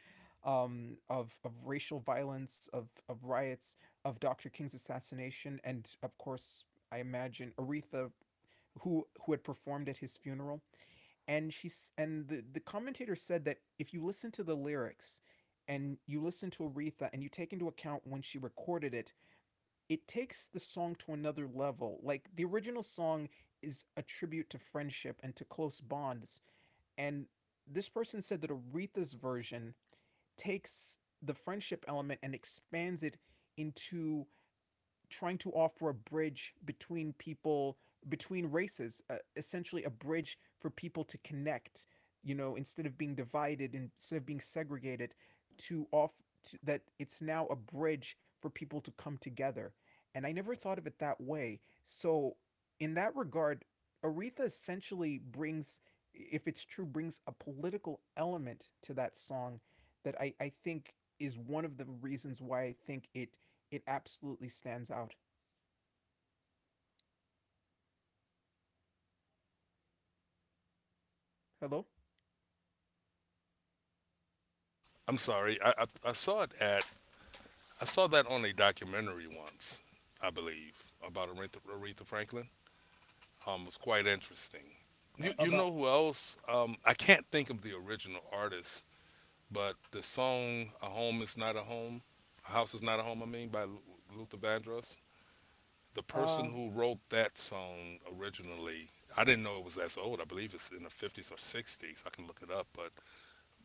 S1: of racial violence, of riots, of Dr. King's assassination, and of course, I imagine Aretha who had performed at his funeral, and she's and the commentator said that if you listen to the lyrics and you listen to Aretha and you take into account when she recorded it, it takes the song to another level. Like the original song is a tribute to friendship and to close bonds, and this person said that Aretha's version takes the friendship element and expands it into trying to offer a bridge between people, between races, essentially a bridge for people to connect, you know, instead of being divided, instead of being segregated, to off that it's now a bridge for people to come together. And I never thought of it that way, so in that regard, Aretha essentially brings, if it's true, brings a political element to that song that I think is one of the reasons why I think it absolutely stands out. Hello?
S2: I'm sorry. I saw it at I saw that on a documentary once, I believe, about Aretha Franklin. It was quite interesting. You
S1: About
S2: know who else? I can't think of the original artist, but the song "A Home Is Not a Home," "A House Is Not a Home," I mean, by Luther Vandross. The person
S1: uh
S2: who wrote that song originally, I didn't know it was that old. I believe it's in the 50s or 60s. I can look it up, but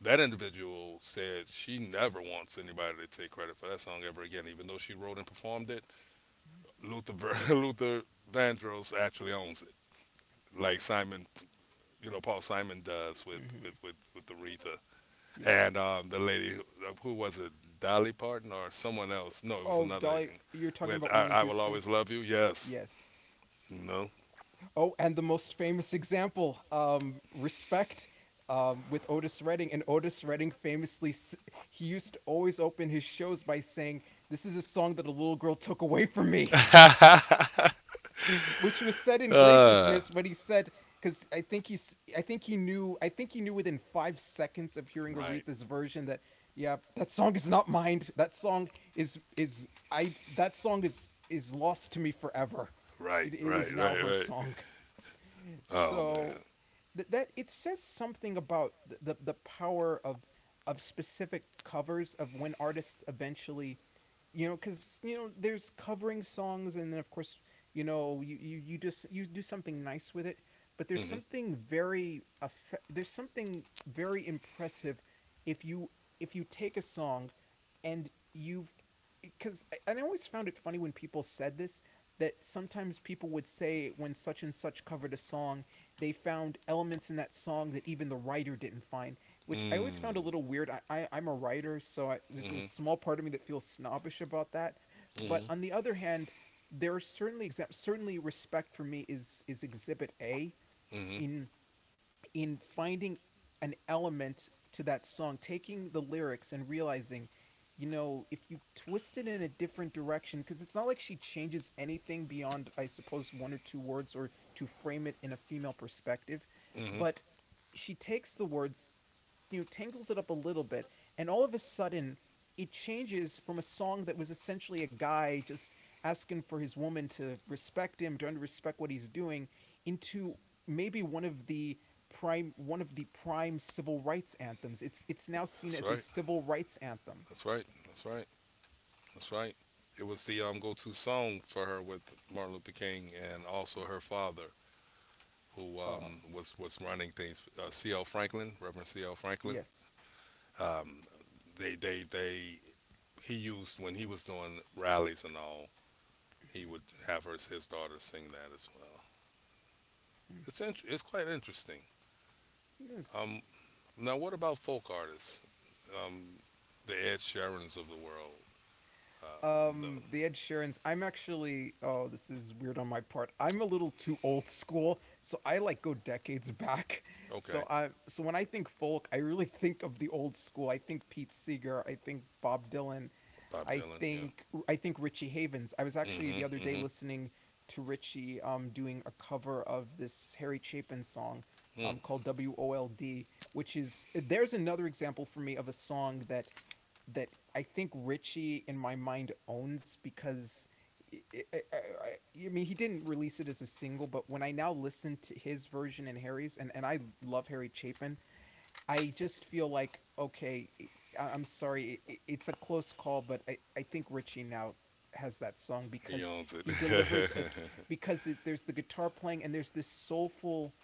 S2: that individual said she never wants anybody to take credit for that song ever again, even though she wrote and performed it. Luther Vandross actually owns it, like Simon, you know, Paul Simon does with with
S1: mhm,
S2: with, with Aretha.
S1: yeah.
S2: And the lady who was it, Dolly Parton or someone else? No, it was
S1: Oh,
S2: another.
S1: Dolly, you're talking
S2: With,
S1: about
S2: I,
S1: Whitney
S2: I will
S1: Houston?
S2: always love you. Yes,
S1: Yes.
S2: no.
S1: Oh, and the most famous example, Respect with Otis Redding. And Otis Redding famously he used to always open his shows by saying, "This is a song that a little girl took away from me,"
S2: uh,
S1: which was said in graciousness when he said, because I think he knew within 5 seconds of hearing
S2: right,
S1: Aretha's version that yeah, that song is not mine. That song is I that song is lost to me forever. it,
S2: right,
S1: it
S2: right,
S1: is now
S2: right,
S1: her
S2: right.
S1: song.
S2: Oh
S1: So
S2: man.
S1: that, that it says something about the power of specific covers, of when artists eventually, you know, because you know there's covering songs, and then of course, you know, you just you do something nice with it, but there's
S2: Mhm.
S1: something very there's something very impressive if you, if you take a song and you've, because I always found it funny when people said this, that sometimes people would say when such and such covered a song, they found elements in that song that even the writer didn't find, which I always found a
S2: Mm.
S1: little weird. I'm a writer, so there's this
S2: Mhm.
S1: small part of me that feels snobbish about that. But
S2: Mhm.
S1: on the other hand, there are certainly examples. Certainly, respect for me is Exhibit A
S2: Mhm.
S1: in in finding an element to that song, taking the lyrics and realizing, you know, if you twist it in a different direction, because it's not like she changes anything beyond, I suppose, one or two words or to frame it in a female perspective,
S2: Mhm.
S1: but she takes the words, you know, tangles it up a little bit, and all of a sudden it changes from a song that was essentially a guy just asking for his woman to respect him, to respect what he's doing, into maybe one of the prime civil rights anthems. It's now seen
S2: That's
S1: as a
S2: right.
S1: civil rights anthem.
S2: That's right. That's right. That's right. It was the go-to song for her with Martin Luther King and also her father, who
S1: Uh
S2: was running things. C.L. Franklin, Reverend C.L. Franklin.
S1: yes.
S2: Um, they he used when he was doing rallies and all. He would have her, his daughter, sing that as well. It's quite interesting.
S1: Mm-hmm. Yes.
S2: Um, Now, what about folk artists? Um, the Ed Sheerans of the world. Um, the,
S1: The Ed Sheeran's, I'm actually, oh this is weird on my part. I'm a little too old school, so I like go decades back.
S2: okay,
S1: So I, so when I think folk, I really think of the old school. I think Pete Seeger, I think Bob Dylan,
S2: Bob
S1: I
S2: Dylan. Yeah.
S1: think I think Richie Havens. I was actually the
S2: Mm-hmm.
S1: other day
S2: Mm-hmm.
S1: listening to Richie doing a cover of this Harry Chapin song
S2: Mm.
S1: called WOLD, which is, there's another example for me of a song that that I think Richie in my mind owns because I, I, I, I mean he didn't release it as a single, but when I now listen to his version and Harry's, and I love Harry Chapin, I just feel like okay, am sorry, it's a close call, but I think Richie now has that song
S2: He
S1: because
S2: owns
S1: he delivers
S2: it.
S1: us, because there's the guitar playing and there's this soulful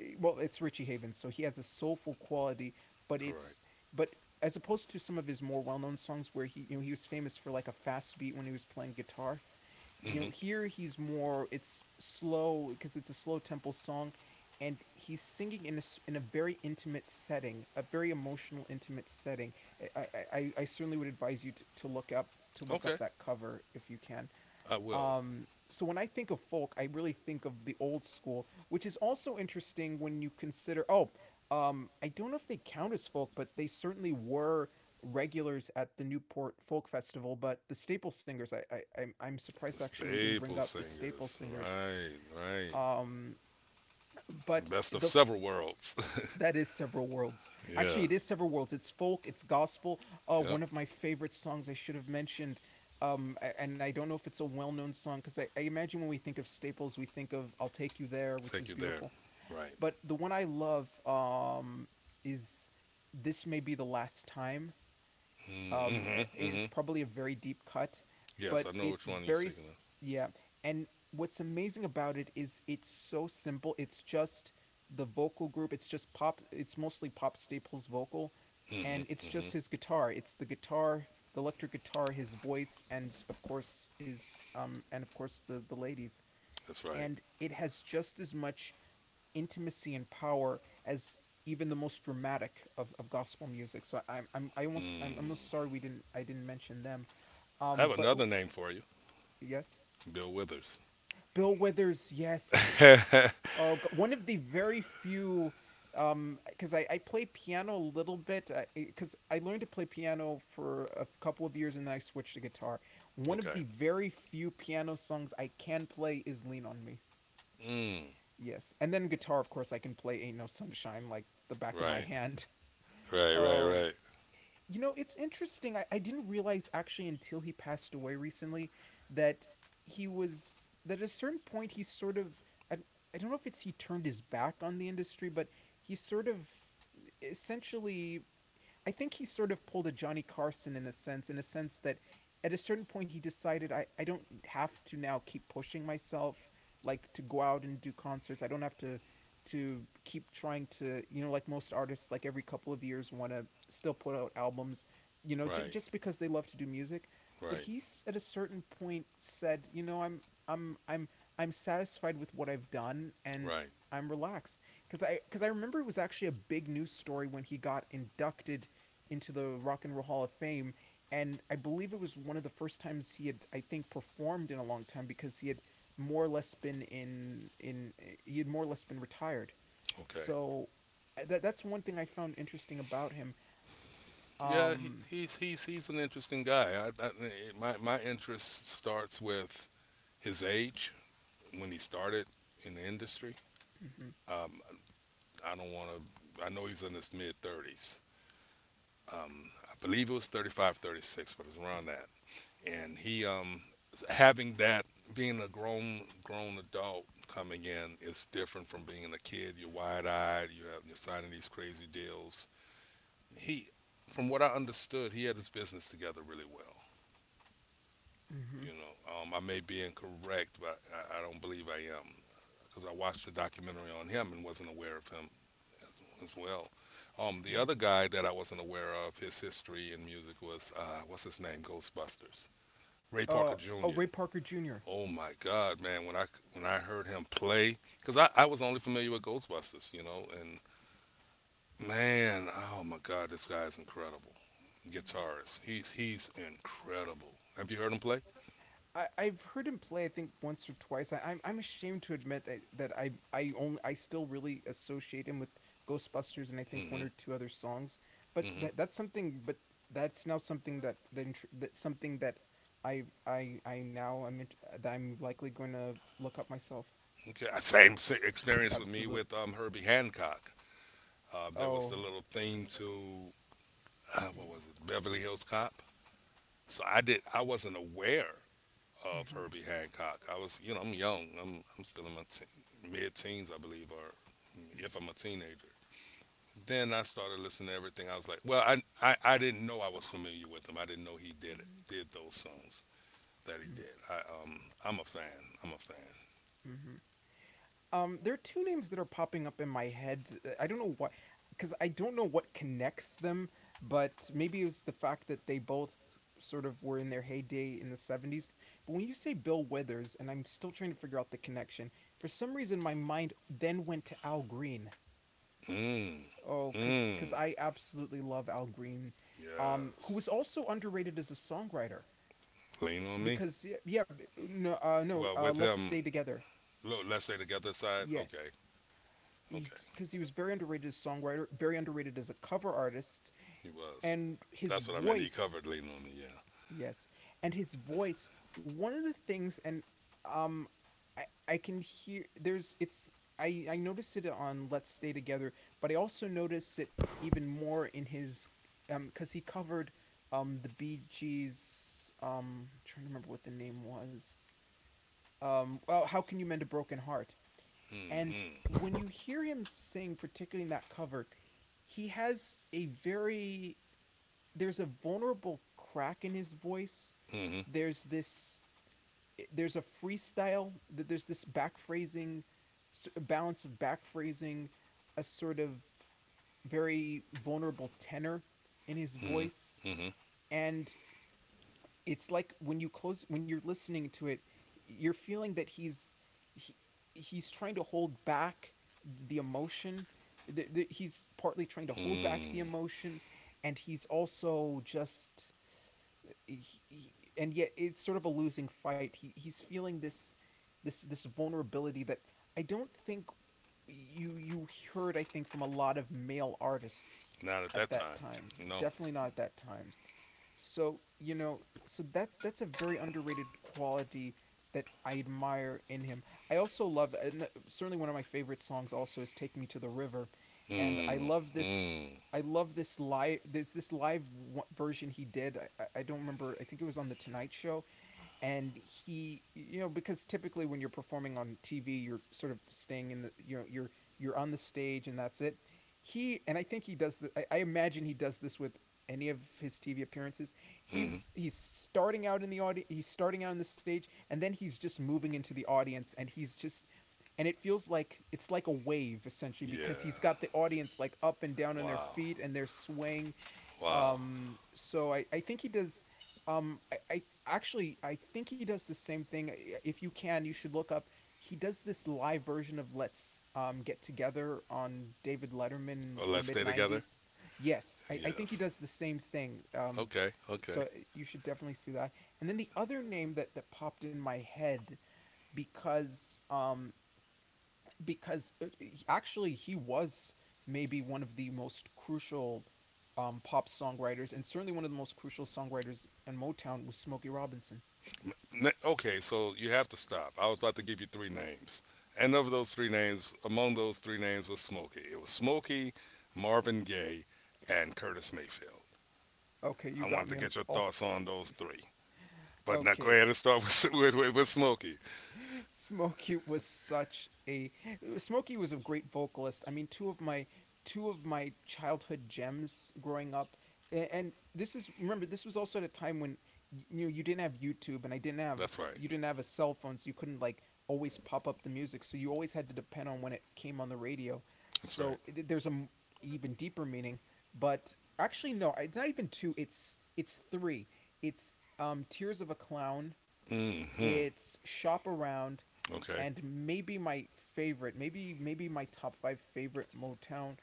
S1: well it's Richie Havens so he has a soulful quality, but it's,
S2: Correct.
S1: but as opposed to some of his more well-known songs where he, you know, he was famous for like a fast beat when he was playing guitar, you
S2: hmm
S1: know here he's more, it's slow because it's a slow tempo song, and he's singing in a, in a very intimate setting, a very emotional intimate setting. I certainly would advise you to look
S2: Okay,
S1: up that cover if you can.
S2: I will.
S1: So when I think of folk, I really think of the old school, which is also interesting when you consider. Oh, I don't know if they count as folk, but they certainly were regulars at the Newport Folk Festival. But the Staple Singers, I'm surprised
S2: The
S1: actually we didn't bring
S2: Staple
S1: up the Staple
S2: Singers.
S1: Singers.
S2: Right, right.
S1: Um, but
S2: Best of
S1: the
S2: several worlds.
S1: that is several worlds. Actually,
S2: Yeah.
S1: it is several worlds. It's folk, it's gospel.
S2: Yep.
S1: One of my favorite songs I should have mentioned. And I don't know if it's a well-known song because I imagine when we think of staples, we think of "I'll Take You There," which is
S2: Take You There.
S1: beautiful.
S2: Right.
S1: But the one I love is "This May Be the Last Time." Um,
S2: Mm-hmm.
S1: it's
S2: Mm-hmm.
S1: probably a very deep cut, but
S2: Yes, I know
S1: it's
S2: which one you're
S1: very
S2: speaking of.
S1: yeah. And what's amazing about it is it's so simple. It's just the vocal group. It's just pop. It's mostly Pop Staples vocal, and
S2: Mm-hmm.
S1: it's
S2: Mm-hmm.
S1: just his guitar. It's the guitar, the electric guitar, his voice, and of course is and of course the ladies.
S2: That's right.
S1: And it has just as much intimacy and power as even the most dramatic of gospel music. So I'm
S2: Mm.
S1: almost sorry we didn't I didn't mention them.
S2: I have
S1: Um, but ooh,
S2: another name for you.
S1: yes,
S2: Bill Withers.
S1: Bill Withers, yes.
S2: Okay.
S1: Oh, one of the very few. Because I play piano a little bit. Because I learned to play piano for a couple of years and then I switched to guitar. One of the very few piano songs I can play is "Lean on Me."
S2: Mm.
S1: Yes, and then guitar, of course, I can play "Ain't No Sunshine" like the back of my
S2: Right,
S1: hand.
S2: right, right,
S1: Oh,
S2: right.
S1: you know, it's interesting. I didn't realize actually until he passed away recently that he was that at a certain point he sort of I, I don't know if it's he turned his back on the industry, but he sort of essentially I think he sort of pulled a Johnny Carson in a sense that at a certain point he decided I don't have to now keep pushing myself like to go out and do concerts. I don't have to keep trying to like most artists like every couple of years want to still put out albums
S2: Right,
S1: just because they love to do music. But
S2: right,
S1: he's at a certain point said I'm i'm i'm I'm satisfied with what I've done, and
S2: right.
S1: I'm relaxed. Because I remember it was actually a big news story when he got inducted into the Rock and Roll Hall of Fame. And I believe it was one of the first times he had, I think, performed in a long time because he had more or less been he had more or less been retired.
S2: Okay.
S1: So that's one thing I found interesting about him.
S2: Yeah, he,
S1: Um,
S2: he's an interesting guy. My interest starts with his age when he started in the industry.
S1: mhm,
S2: Um, I don't want to. I know he's in his mid 30s. I believe it was 35, 36, but it's around that. And he having that— being a grown adult coming in is different from being a kid. You're wide eyed. You're signing these crazy deals. He, from what I understood, he had his business together really well.
S1: mhm,
S2: You know, I may be incorrect, but I don't believe I am. Because I watched a documentary on him and wasn't aware of him as well. The
S1: mhm.
S2: other guy that I wasn't aware of, his history in music was— what's his name, Ghostbusters, Ray Parker
S1: Oh,
S2: Jr.
S1: Ray Parker Jr.
S2: Oh my God, man! When I heard him play, because I was only familiar with Ghostbusters, you know, and man, oh my God, this guy is incredible. Guitarist, he's incredible. Have you heard him play?
S1: I've heard him play I think once or twice. I'm ashamed to admit that I still really associate him with Ghostbusters and I think one
S2: Mm-hmm.
S1: or two other songs. But
S2: Mm-hmm.
S1: that's something. But that's now something that that, that something that I now I'm that I'm likely going to look up myself.
S2: Okay. Same, same experience with me
S1: Absolute.
S2: with Herbie Hancock. There was the
S1: Oh.
S2: little theme to— what
S1: Mm,
S2: was it, Beverly Hills Cop. So I did. I wasn't aware of
S1: mm-hmm,
S2: Herbie Hancock. I was, you know, I'm young. I'm still in my teen, mid-teens, I believe, or if I'm a teenager. Then I started listening to everything. I was like, well, I didn't know I was familiar with him. I didn't know
S1: mm-hmm,
S2: did those songs that he
S1: mm-hmm,
S2: did. Um I'm a fan. I'm a fan.
S1: mm-hmm. There are two names that are popping up in my head. I don't know why, because I don't know what connects them, but maybe it was the fact that they both sort of were in their heyday in the '70s. But when you say Bill Withers, and I'm still trying to figure out the connection, for some reason my mind then went to Al Green.
S2: Mmm.
S1: Oh, because
S2: Mmm.
S1: I absolutely love Al Green,
S2: Yes.
S1: who was also underrated as a songwriter.
S2: Lean on Me.
S1: Because yeah, yeah, no, no,
S2: Well, with
S1: let's
S2: him,
S1: stay together.
S2: look, let's say together side. Okay.
S1: Yes,
S2: Okay.
S1: because he was very underrated as a songwriter, very underrated as a cover artist,
S2: He was.
S1: and his
S2: That's what I meant. He
S1: voice,
S2: covered Lean on Me, yeah.
S1: yes, and his voice. One of the things, and um, I can hear there's it's I noticed it on Let's Stay Together, but I also noticed it even more in his because he covered the Bee Gees. I'm trying to remember what the name was. Well, how can you mend a broken heart? And
S2: Mm-hmm.
S1: when you hear him sing, particularly in that cover, he has a very there's a vulnerable crack in his voice.
S2: Mm-hmm.
S1: There's this there's a freestyle. There's this back phrasing, balance of back phrasing, a sort of very vulnerable tenor in his
S2: Mm-hmm.
S1: voice,
S2: Mm-hmm.
S1: and it's like when you close when you're listening to it, you're feeling that he, he's trying to hold back the emotion. He's partly trying to hold back the
S2: Mm-hmm.
S1: emotion, and he's also just and yet it's sort of a losing fight. He's feeling this vulnerability that I don't think you heard, I think, from a lot of male artists
S2: Not at
S1: at
S2: that
S1: that
S2: time.
S1: time.
S2: No.
S1: Definitely not at that time. So, you know, so that's a very underrated quality that I admire in him. I also love, and certainly one of my favorite songs also is Take Me to the River, and
S2: Mm-hmm.
S1: I love this live, there's this live w- version he did. I don't remember. I think it was on the Tonight Show, and he, you know, because typically when you're performing on TV you're sort of staying in the, you know, you're on the stage and that's it. He and I think he does the, I imagine he does this with any of his TV appearances.
S2: Mm-hmm.
S1: He's starting out in the audience, he's starting out on the stage, and then he's just moving into the audience, and he's just, and it feels like it's like a wave essentially because he's
S2: Yeah.
S1: got the audience like up and down on their
S2: Wow.
S1: feet and they're swaying.
S2: Wow.
S1: So I think he does. I actually I think he does the same thing. If you can, you should look up. He does this live version of Let's Get Together on David Letterman
S2: Oh,
S1: in the
S2: let's
S1: mid
S2: stay together?
S1: '90s. Yes, I think he
S2: Yes.
S1: does the same thing.
S2: Okay. Okay.
S1: You should definitely see that. And then the other name that popped in my head, because because uh, actually he was maybe one of the most crucial pop songwriters, and certainly one of the most crucial songwriters in Motown, was Smokey Robinson.
S2: Okay, so you have to stop. I was about to give you three names. And of those three names, among those three names was Smokey. It was Smokey, Marvin Gaye, and Curtis Mayfield.
S1: Okay, you
S2: I wanted
S1: got
S2: to
S1: me
S2: get
S1: on
S2: your
S1: all.
S2: thoughts on those three. But now go
S1: Okay,
S2: ahead and start with with Smokey.
S1: Smokey was such a Smokey was a great vocalist. I mean, two of my childhood gems growing up, and this is, remember, this was also at a time when, you know, you didn't have YouTube, and I didn't have,
S2: That's right.
S1: you didn't have a cell phone, so you couldn't like always pop up the music, so you always had to depend on when it came on the radio.
S2: That's right.
S1: So th- there's a m- Even deeper meaning, but actually no, it's not even two. It's three. It's Tears of a Clown,
S2: Mm-hmm.
S1: it's Shop Around,
S2: Okay.
S1: and maybe my favorite, maybe my top five favorite Motown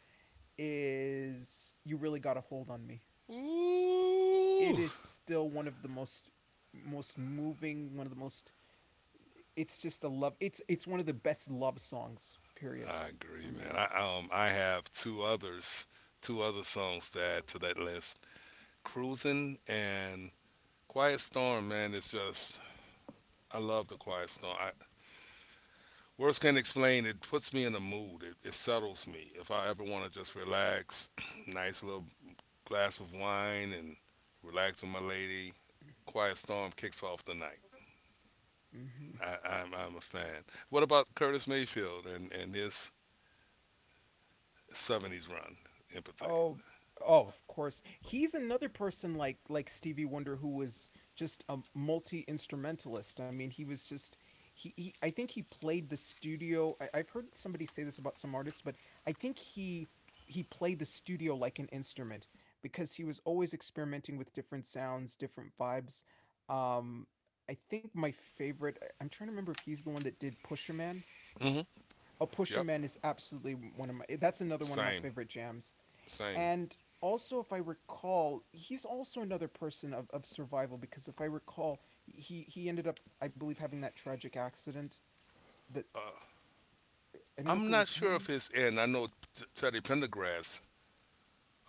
S1: is "You Really Got a Hold on Me."
S2: Ooh,
S1: It is still one of the most, most moving, one of the most. It's just a love. It's one of the best love songs. Period,
S2: I
S1: for
S2: agree, man.
S1: me.
S2: I have two others, two other songs to add to that list. Cruising and Quiet Storm, man. It's just, I love the Quiet Storm. Words can't explain. It puts me in a mood. It settles me. If I ever want to just relax, nice little glass of wine and relax with my lady. Quiet Storm kicks off the night.
S1: Hmm.
S2: I'm a fan. What about Curtis Mayfield and his '70s run in particular?
S1: Oh, oh, of course. He's another person, like Stevie Wonder, who was just a multi-instrumentalist. I mean, he was just, he I think he played the studio. I've heard somebody say this about some artists, but I think he played the studio like an instrument because he was always experimenting with different sounds, different vibes. Um I think my favorite, I'm trying to remember if he's the one that did Pusher Man.
S2: Mm-hmm.
S1: Oh, Pusher
S2: Yep,
S1: Man is absolutely one of my, that's another one of my
S2: same,
S1: favorite jams.
S2: same.
S1: And also, if I recall, he's also another person of survival, because if I recall, he ended up, I believe, having that tragic accident, that
S2: Uh,
S1: I don't know if
S2: I'm
S1: it
S2: not
S1: was
S2: sure if
S1: him.
S2: his end. I know Teddy Pendergrass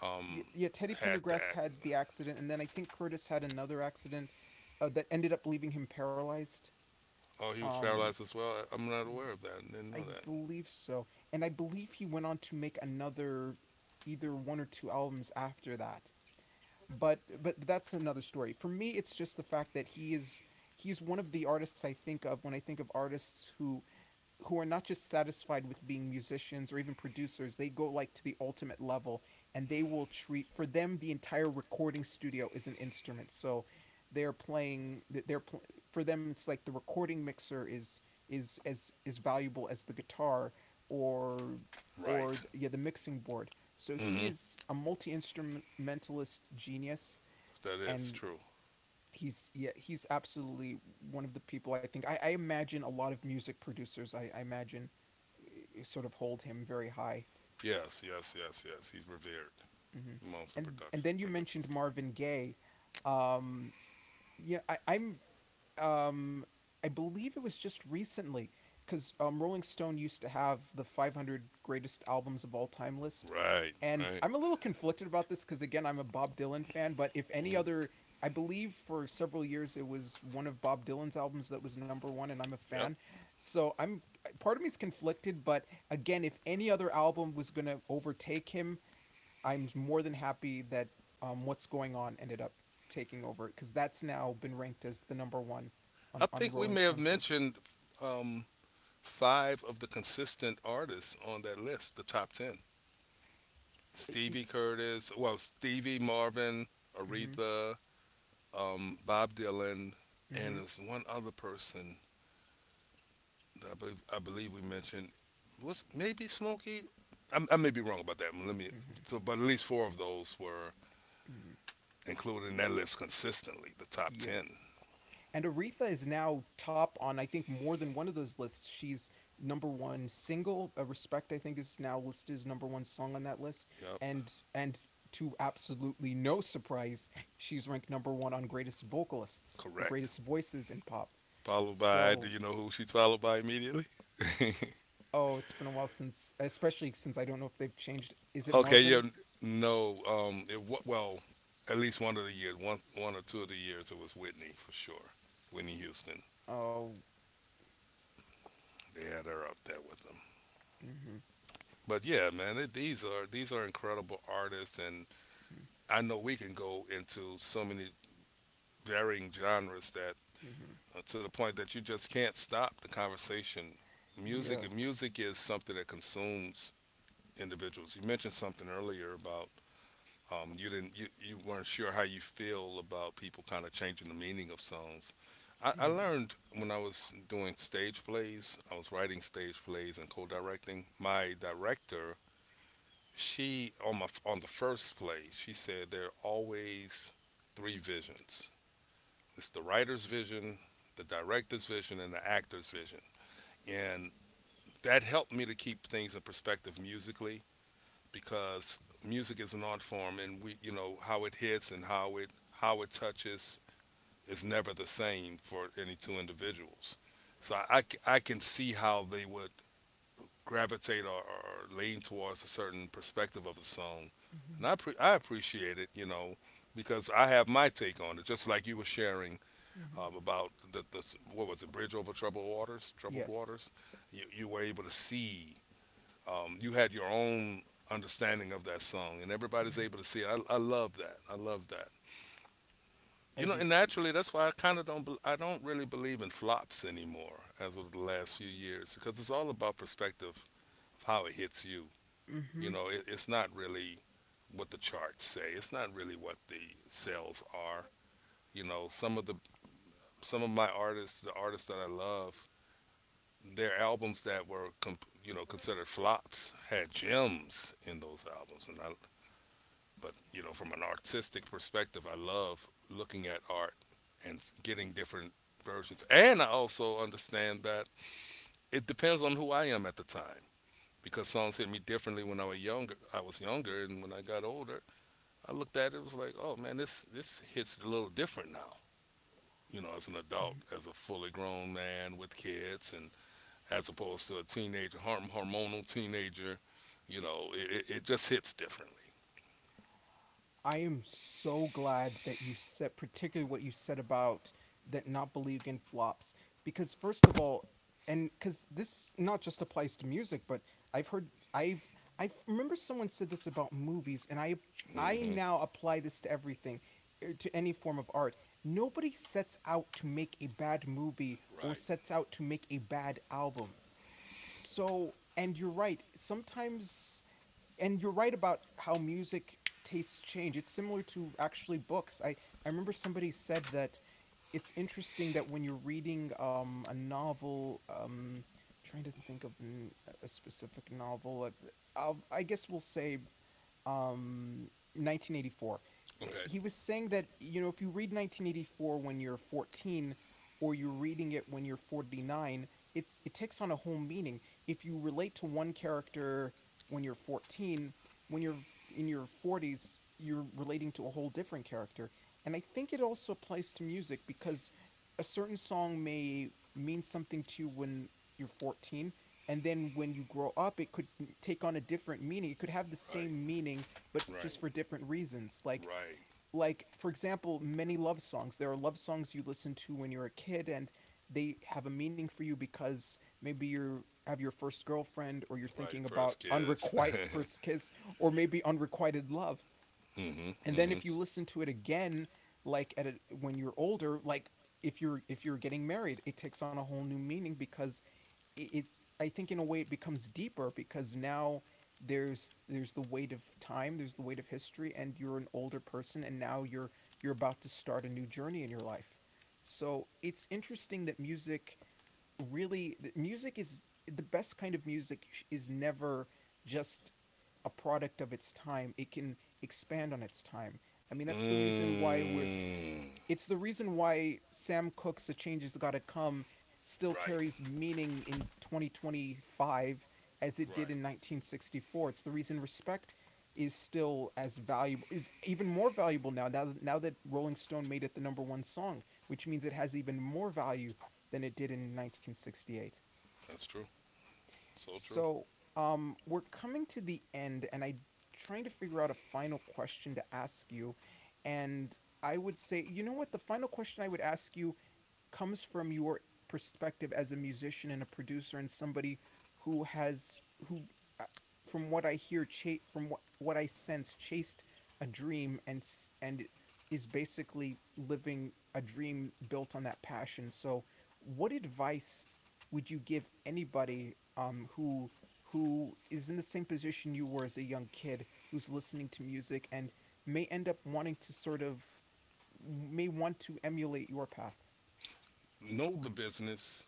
S2: um,
S1: Yeah, yeah, Teddy
S2: had the
S1: Pendergrast
S2: act.
S1: had the accident, and then I think Curtis had another accident that ended up leaving him paralyzed.
S2: Oh, he was
S1: Um,
S2: paralyzed as well. I'm not aware of that. I didn't know
S1: I
S2: that.
S1: believe so. And I believe he went on to make another either one or two albums after that. But that's another story. For me, it's just the fact that he's one of the artists I think of when I think of artists who are not just satisfied with being musicians or even producers. They go, like, to the ultimate level, and they will treat, for them the entire recording studio is an instrument, so they're playing, for them it's like the recording mixer is as is valuable as the guitar, or,
S2: Right.
S1: yeah, the mixing board. So he
S2: Mm-hmm.
S1: is a multi-instrumentalist genius,
S2: That is
S1: and
S2: true.
S1: he's yeah, he's absolutely one of the people, I imagine a lot of music producers, I imagine, sort of hold him very high.
S2: Yes, yes, yes, yes. He's revered
S1: Hmm.
S2: amongst the
S1: And
S2: production
S1: then you
S2: producers.
S1: mentioned Marvin Gaye. um yeah I, i'm um, I believe it was just recently, because Rolling Stone used to have the 500 greatest albums of all time list,
S2: Right,
S1: and
S2: right.
S1: I'm a little conflicted about this because again I'm a Bob Dylan fan, but if any
S2: Mm-hmm.
S1: other, I believe for several years it was one of Bob Dylan's albums that was number one, and I'm a fan,
S2: Yep.
S1: so I'm part of me is conflicted, but again if any other album was gonna overtake him, I'm more than happy that, What's Going On ended up taking over, because that's now been ranked as the number one
S2: I
S1: on
S2: think we
S1: Rolling
S2: may have
S1: Stone's list.
S2: mentioned um, five of the consistent artists on that list, the top 10. Stevie Curtis, well, Stevie Marvin,
S1: Mm-hmm,
S2: Aretha, Bob Dylan, and
S1: mm-hmm,
S2: there's one other person that I believe we mentioned. Was maybe Smokey? I may be wrong about that. Let me.
S1: mm-hmm,
S2: So, but at least four of those were
S1: mm.
S2: included in that list consistently, the top 10.
S1: Yes. And Aretha is now top on, I think, more than one of those lists. She's number one single. Respect, I think, is now listed as number one song on that list.
S2: Yep,
S1: And to absolutely no surprise, she's ranked number one on greatest vocalists, the
S2: correct.
S1: greatest voices in pop.
S2: Followed by, do
S1: So,
S2: you know who she's followed by immediately?
S1: oh, it's been a while since, especially since I don't know if they've changed. Is it
S2: Okay, yeah,
S1: Marvin?
S2: no, well, at least one of the years, one or two of the years, it was Whitney for sure. Whitney Houston,
S1: Oh,
S2: they had her out there with them.
S1: mm-hmm,
S2: But yeah, man, it, these are incredible artists, and
S1: mm-hmm,
S2: I know we can go into so many varying genres that
S1: mm-hmm.
S2: to the point that you just can't stop the conversation. Music,
S1: Yes,
S2: music is something that consumes individuals. You mentioned something earlier about you weren't sure how you feel about people kind of changing the meaning of songs. I
S1: mm-hmm,
S2: learned when I was doing stage plays, I was writing stage plays and co-directing. My director, she on my on the first play, she said there are always three visions. It's the writer's vision, the director's vision, and the actor's vision, and that helped me to keep things in perspective musically because music is an art form, and we, you know, how it hits and how it touches is never the same for any two individuals. So I can see how they would gravitate or lean towards a certain perspective of a song,
S1: mm-hmm,
S2: and I appreciate it, you know, because I have my take on it, just like you were sharing
S1: mm-hmm.
S2: about what was it, bridge over troubled waters, troubled
S1: Yes,
S2: waters. You were able to see you had your own understanding of that song, and everybody's
S1: mm-hmm.
S2: able to see it. I love that. I love that.
S1: I
S2: You know,
S1: do
S2: and
S1: too.
S2: naturally, that's why I kind of don't. Bel I don't really believe in flops anymore as of the last few years because it's all about perspective of how it hits you. You
S1: Mm-hmm,
S2: know, it's not really what the charts say. It's not really what the sales are. You know, some of my artists, the artists that I love, their albums that were you know considered flops had gems in those albums, and I But you know, from an artistic perspective, I love looking at art and getting different versions. And I also understand that it depends on who I am at the time because songs hit me differently when I was younger. I was younger, and when I got older, I looked at it, it was like, oh man, this hits a little different now. You know, as an adult,
S1: mm-hmm.
S2: as a fully grown man with kids, and as opposed to a teenager, hormonal teenager, you know, just hits differently.
S1: I am so glad that you said, particularly what you said about that not believing in flops, because first of all, and because this not just applies to music, but I've heard I've I remember someone said this about movies, and I
S2: Hmm.
S1: now apply this to everything, to any form of art. Nobody sets out to make a bad movie, or
S2: Right.
S1: sets out to make a bad album. So, and you're right. Sometimes, and you're right about how music tastes change. It's similar to actually books. I remember somebody said that it's interesting that when you're reading a novel, trying to think of an, a specific novel, I guess we'll say um, 1984.
S2: Okay.
S1: He was saying that, you know, if you read 1984 when you're 14 or you're reading it when you're 49, it takes on a whole meaning. If you relate to one character when you're 14, when you're in your 40s, you're relating to a whole different character. And I think it also applies to music because a certain song may mean something to you when you're 14, and then when you grow up, it could take on a different meaning. It could have the same
S2: Right.
S1: meaning but
S2: Right.
S1: just for different reasons,
S2: Right,
S1: like for example, many love songs. There are love songs you listen to when you're a kid and they have a meaning for you because maybe you have your first girlfriend or you're
S2: right.
S1: thinking
S2: First
S1: about
S2: kiss.
S1: unrequited first kiss, or maybe unrequited love.
S2: Mhm,
S1: And then
S2: mhm.
S1: if you listen to it again, like at a, when you're older, like if you're getting married, it takes on a whole new meaning because it I think in a way it becomes deeper because now there's the weight of time, there's the weight of history, and you're an older person, and now you're about to start a new journey in your life. So it's interesting that music, really music is the best kind of music is never just a product of its time. It can expand on its time. I mean, that's the reason why we're
S2: Mm.
S1: it's the reason why Sam Cooke's A Change Has Gotta Come still
S2: Right,
S1: carries meaning in 2025 as it did
S2: right.
S1: in 1964. It's the reason respect is still as valuable, is even more valuable now, now that Rolling Stone made it the number 1 song, which means it has even more value than it did in 1968.
S2: That's true. So true.
S1: So, we're coming to the end and I am trying to figure out a final question to ask you, and I would say, you know what? The final question I would ask you comes from your perspective as a musician and a producer and somebody who has who uh, from what I hear from what I sense chased a dream, and is basically living a dream built on that passion. So, what advice would you give anybody, who is in the same position you were as a young kid, who's listening to music and may end up wanting to sort of may want to emulate your path?
S2: Know the business,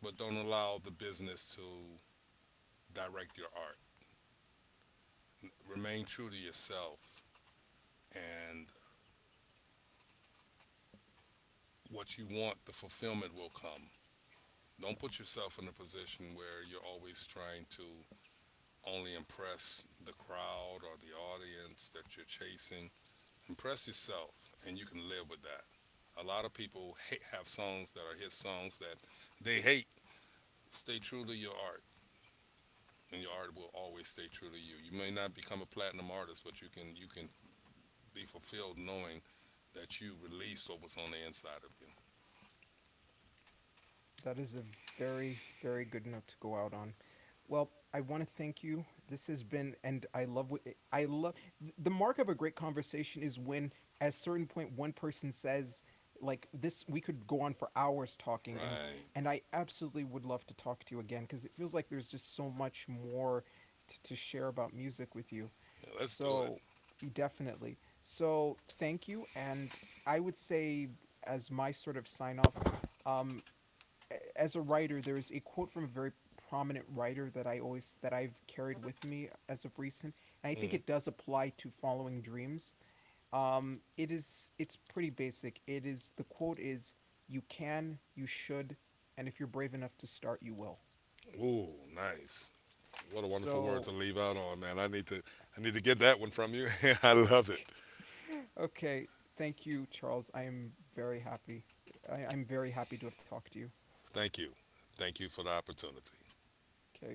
S2: but don't allow the business to direct your art. Remain true to yourself, and what you want, the fulfillment will come. Don't put yourself in a position where you're always trying to only impress the crowd or the audience that you're chasing. Impress yourself, and you can live with that a lot of people hate have songs that are hit songs that they hate. Stay true to your art, and your art will always stay true to you. You may not become a platinum artist, but you can be fulfilled knowing that you released what was on the inside of you.
S1: That is a very, very good note to go out on. Well, I want to thank you. This has been, and I love what I love. The mark of a great conversation is when, at a certain point, one person says, like this, we could go on for hours talking,
S2: Right.
S1: and I absolutely would love to talk to you again because it feels like there's just so much more to share about music with you.
S2: Yeah, let's do it.
S1: So definitely, so thank you. And I would say, as my sort of sign off, um as a writer, there is a quote from a very prominent writer that I always that I've carried with me as of recent, and I think
S2: Mm.
S1: it does apply to following dreams. It is it's pretty basic. It is the quote is, you can, you should, and if you're brave enough to start, you will.
S2: Ooh, nice. What a wonderful word
S1: So,
S2: to leave out on, man. I need to get that one from you. I love it.
S1: okay, okay. Thank you, Charles. I am very happy. I'm very happy to have talked to you.
S2: Thank you. Thank you for the opportunity.
S1: Okay.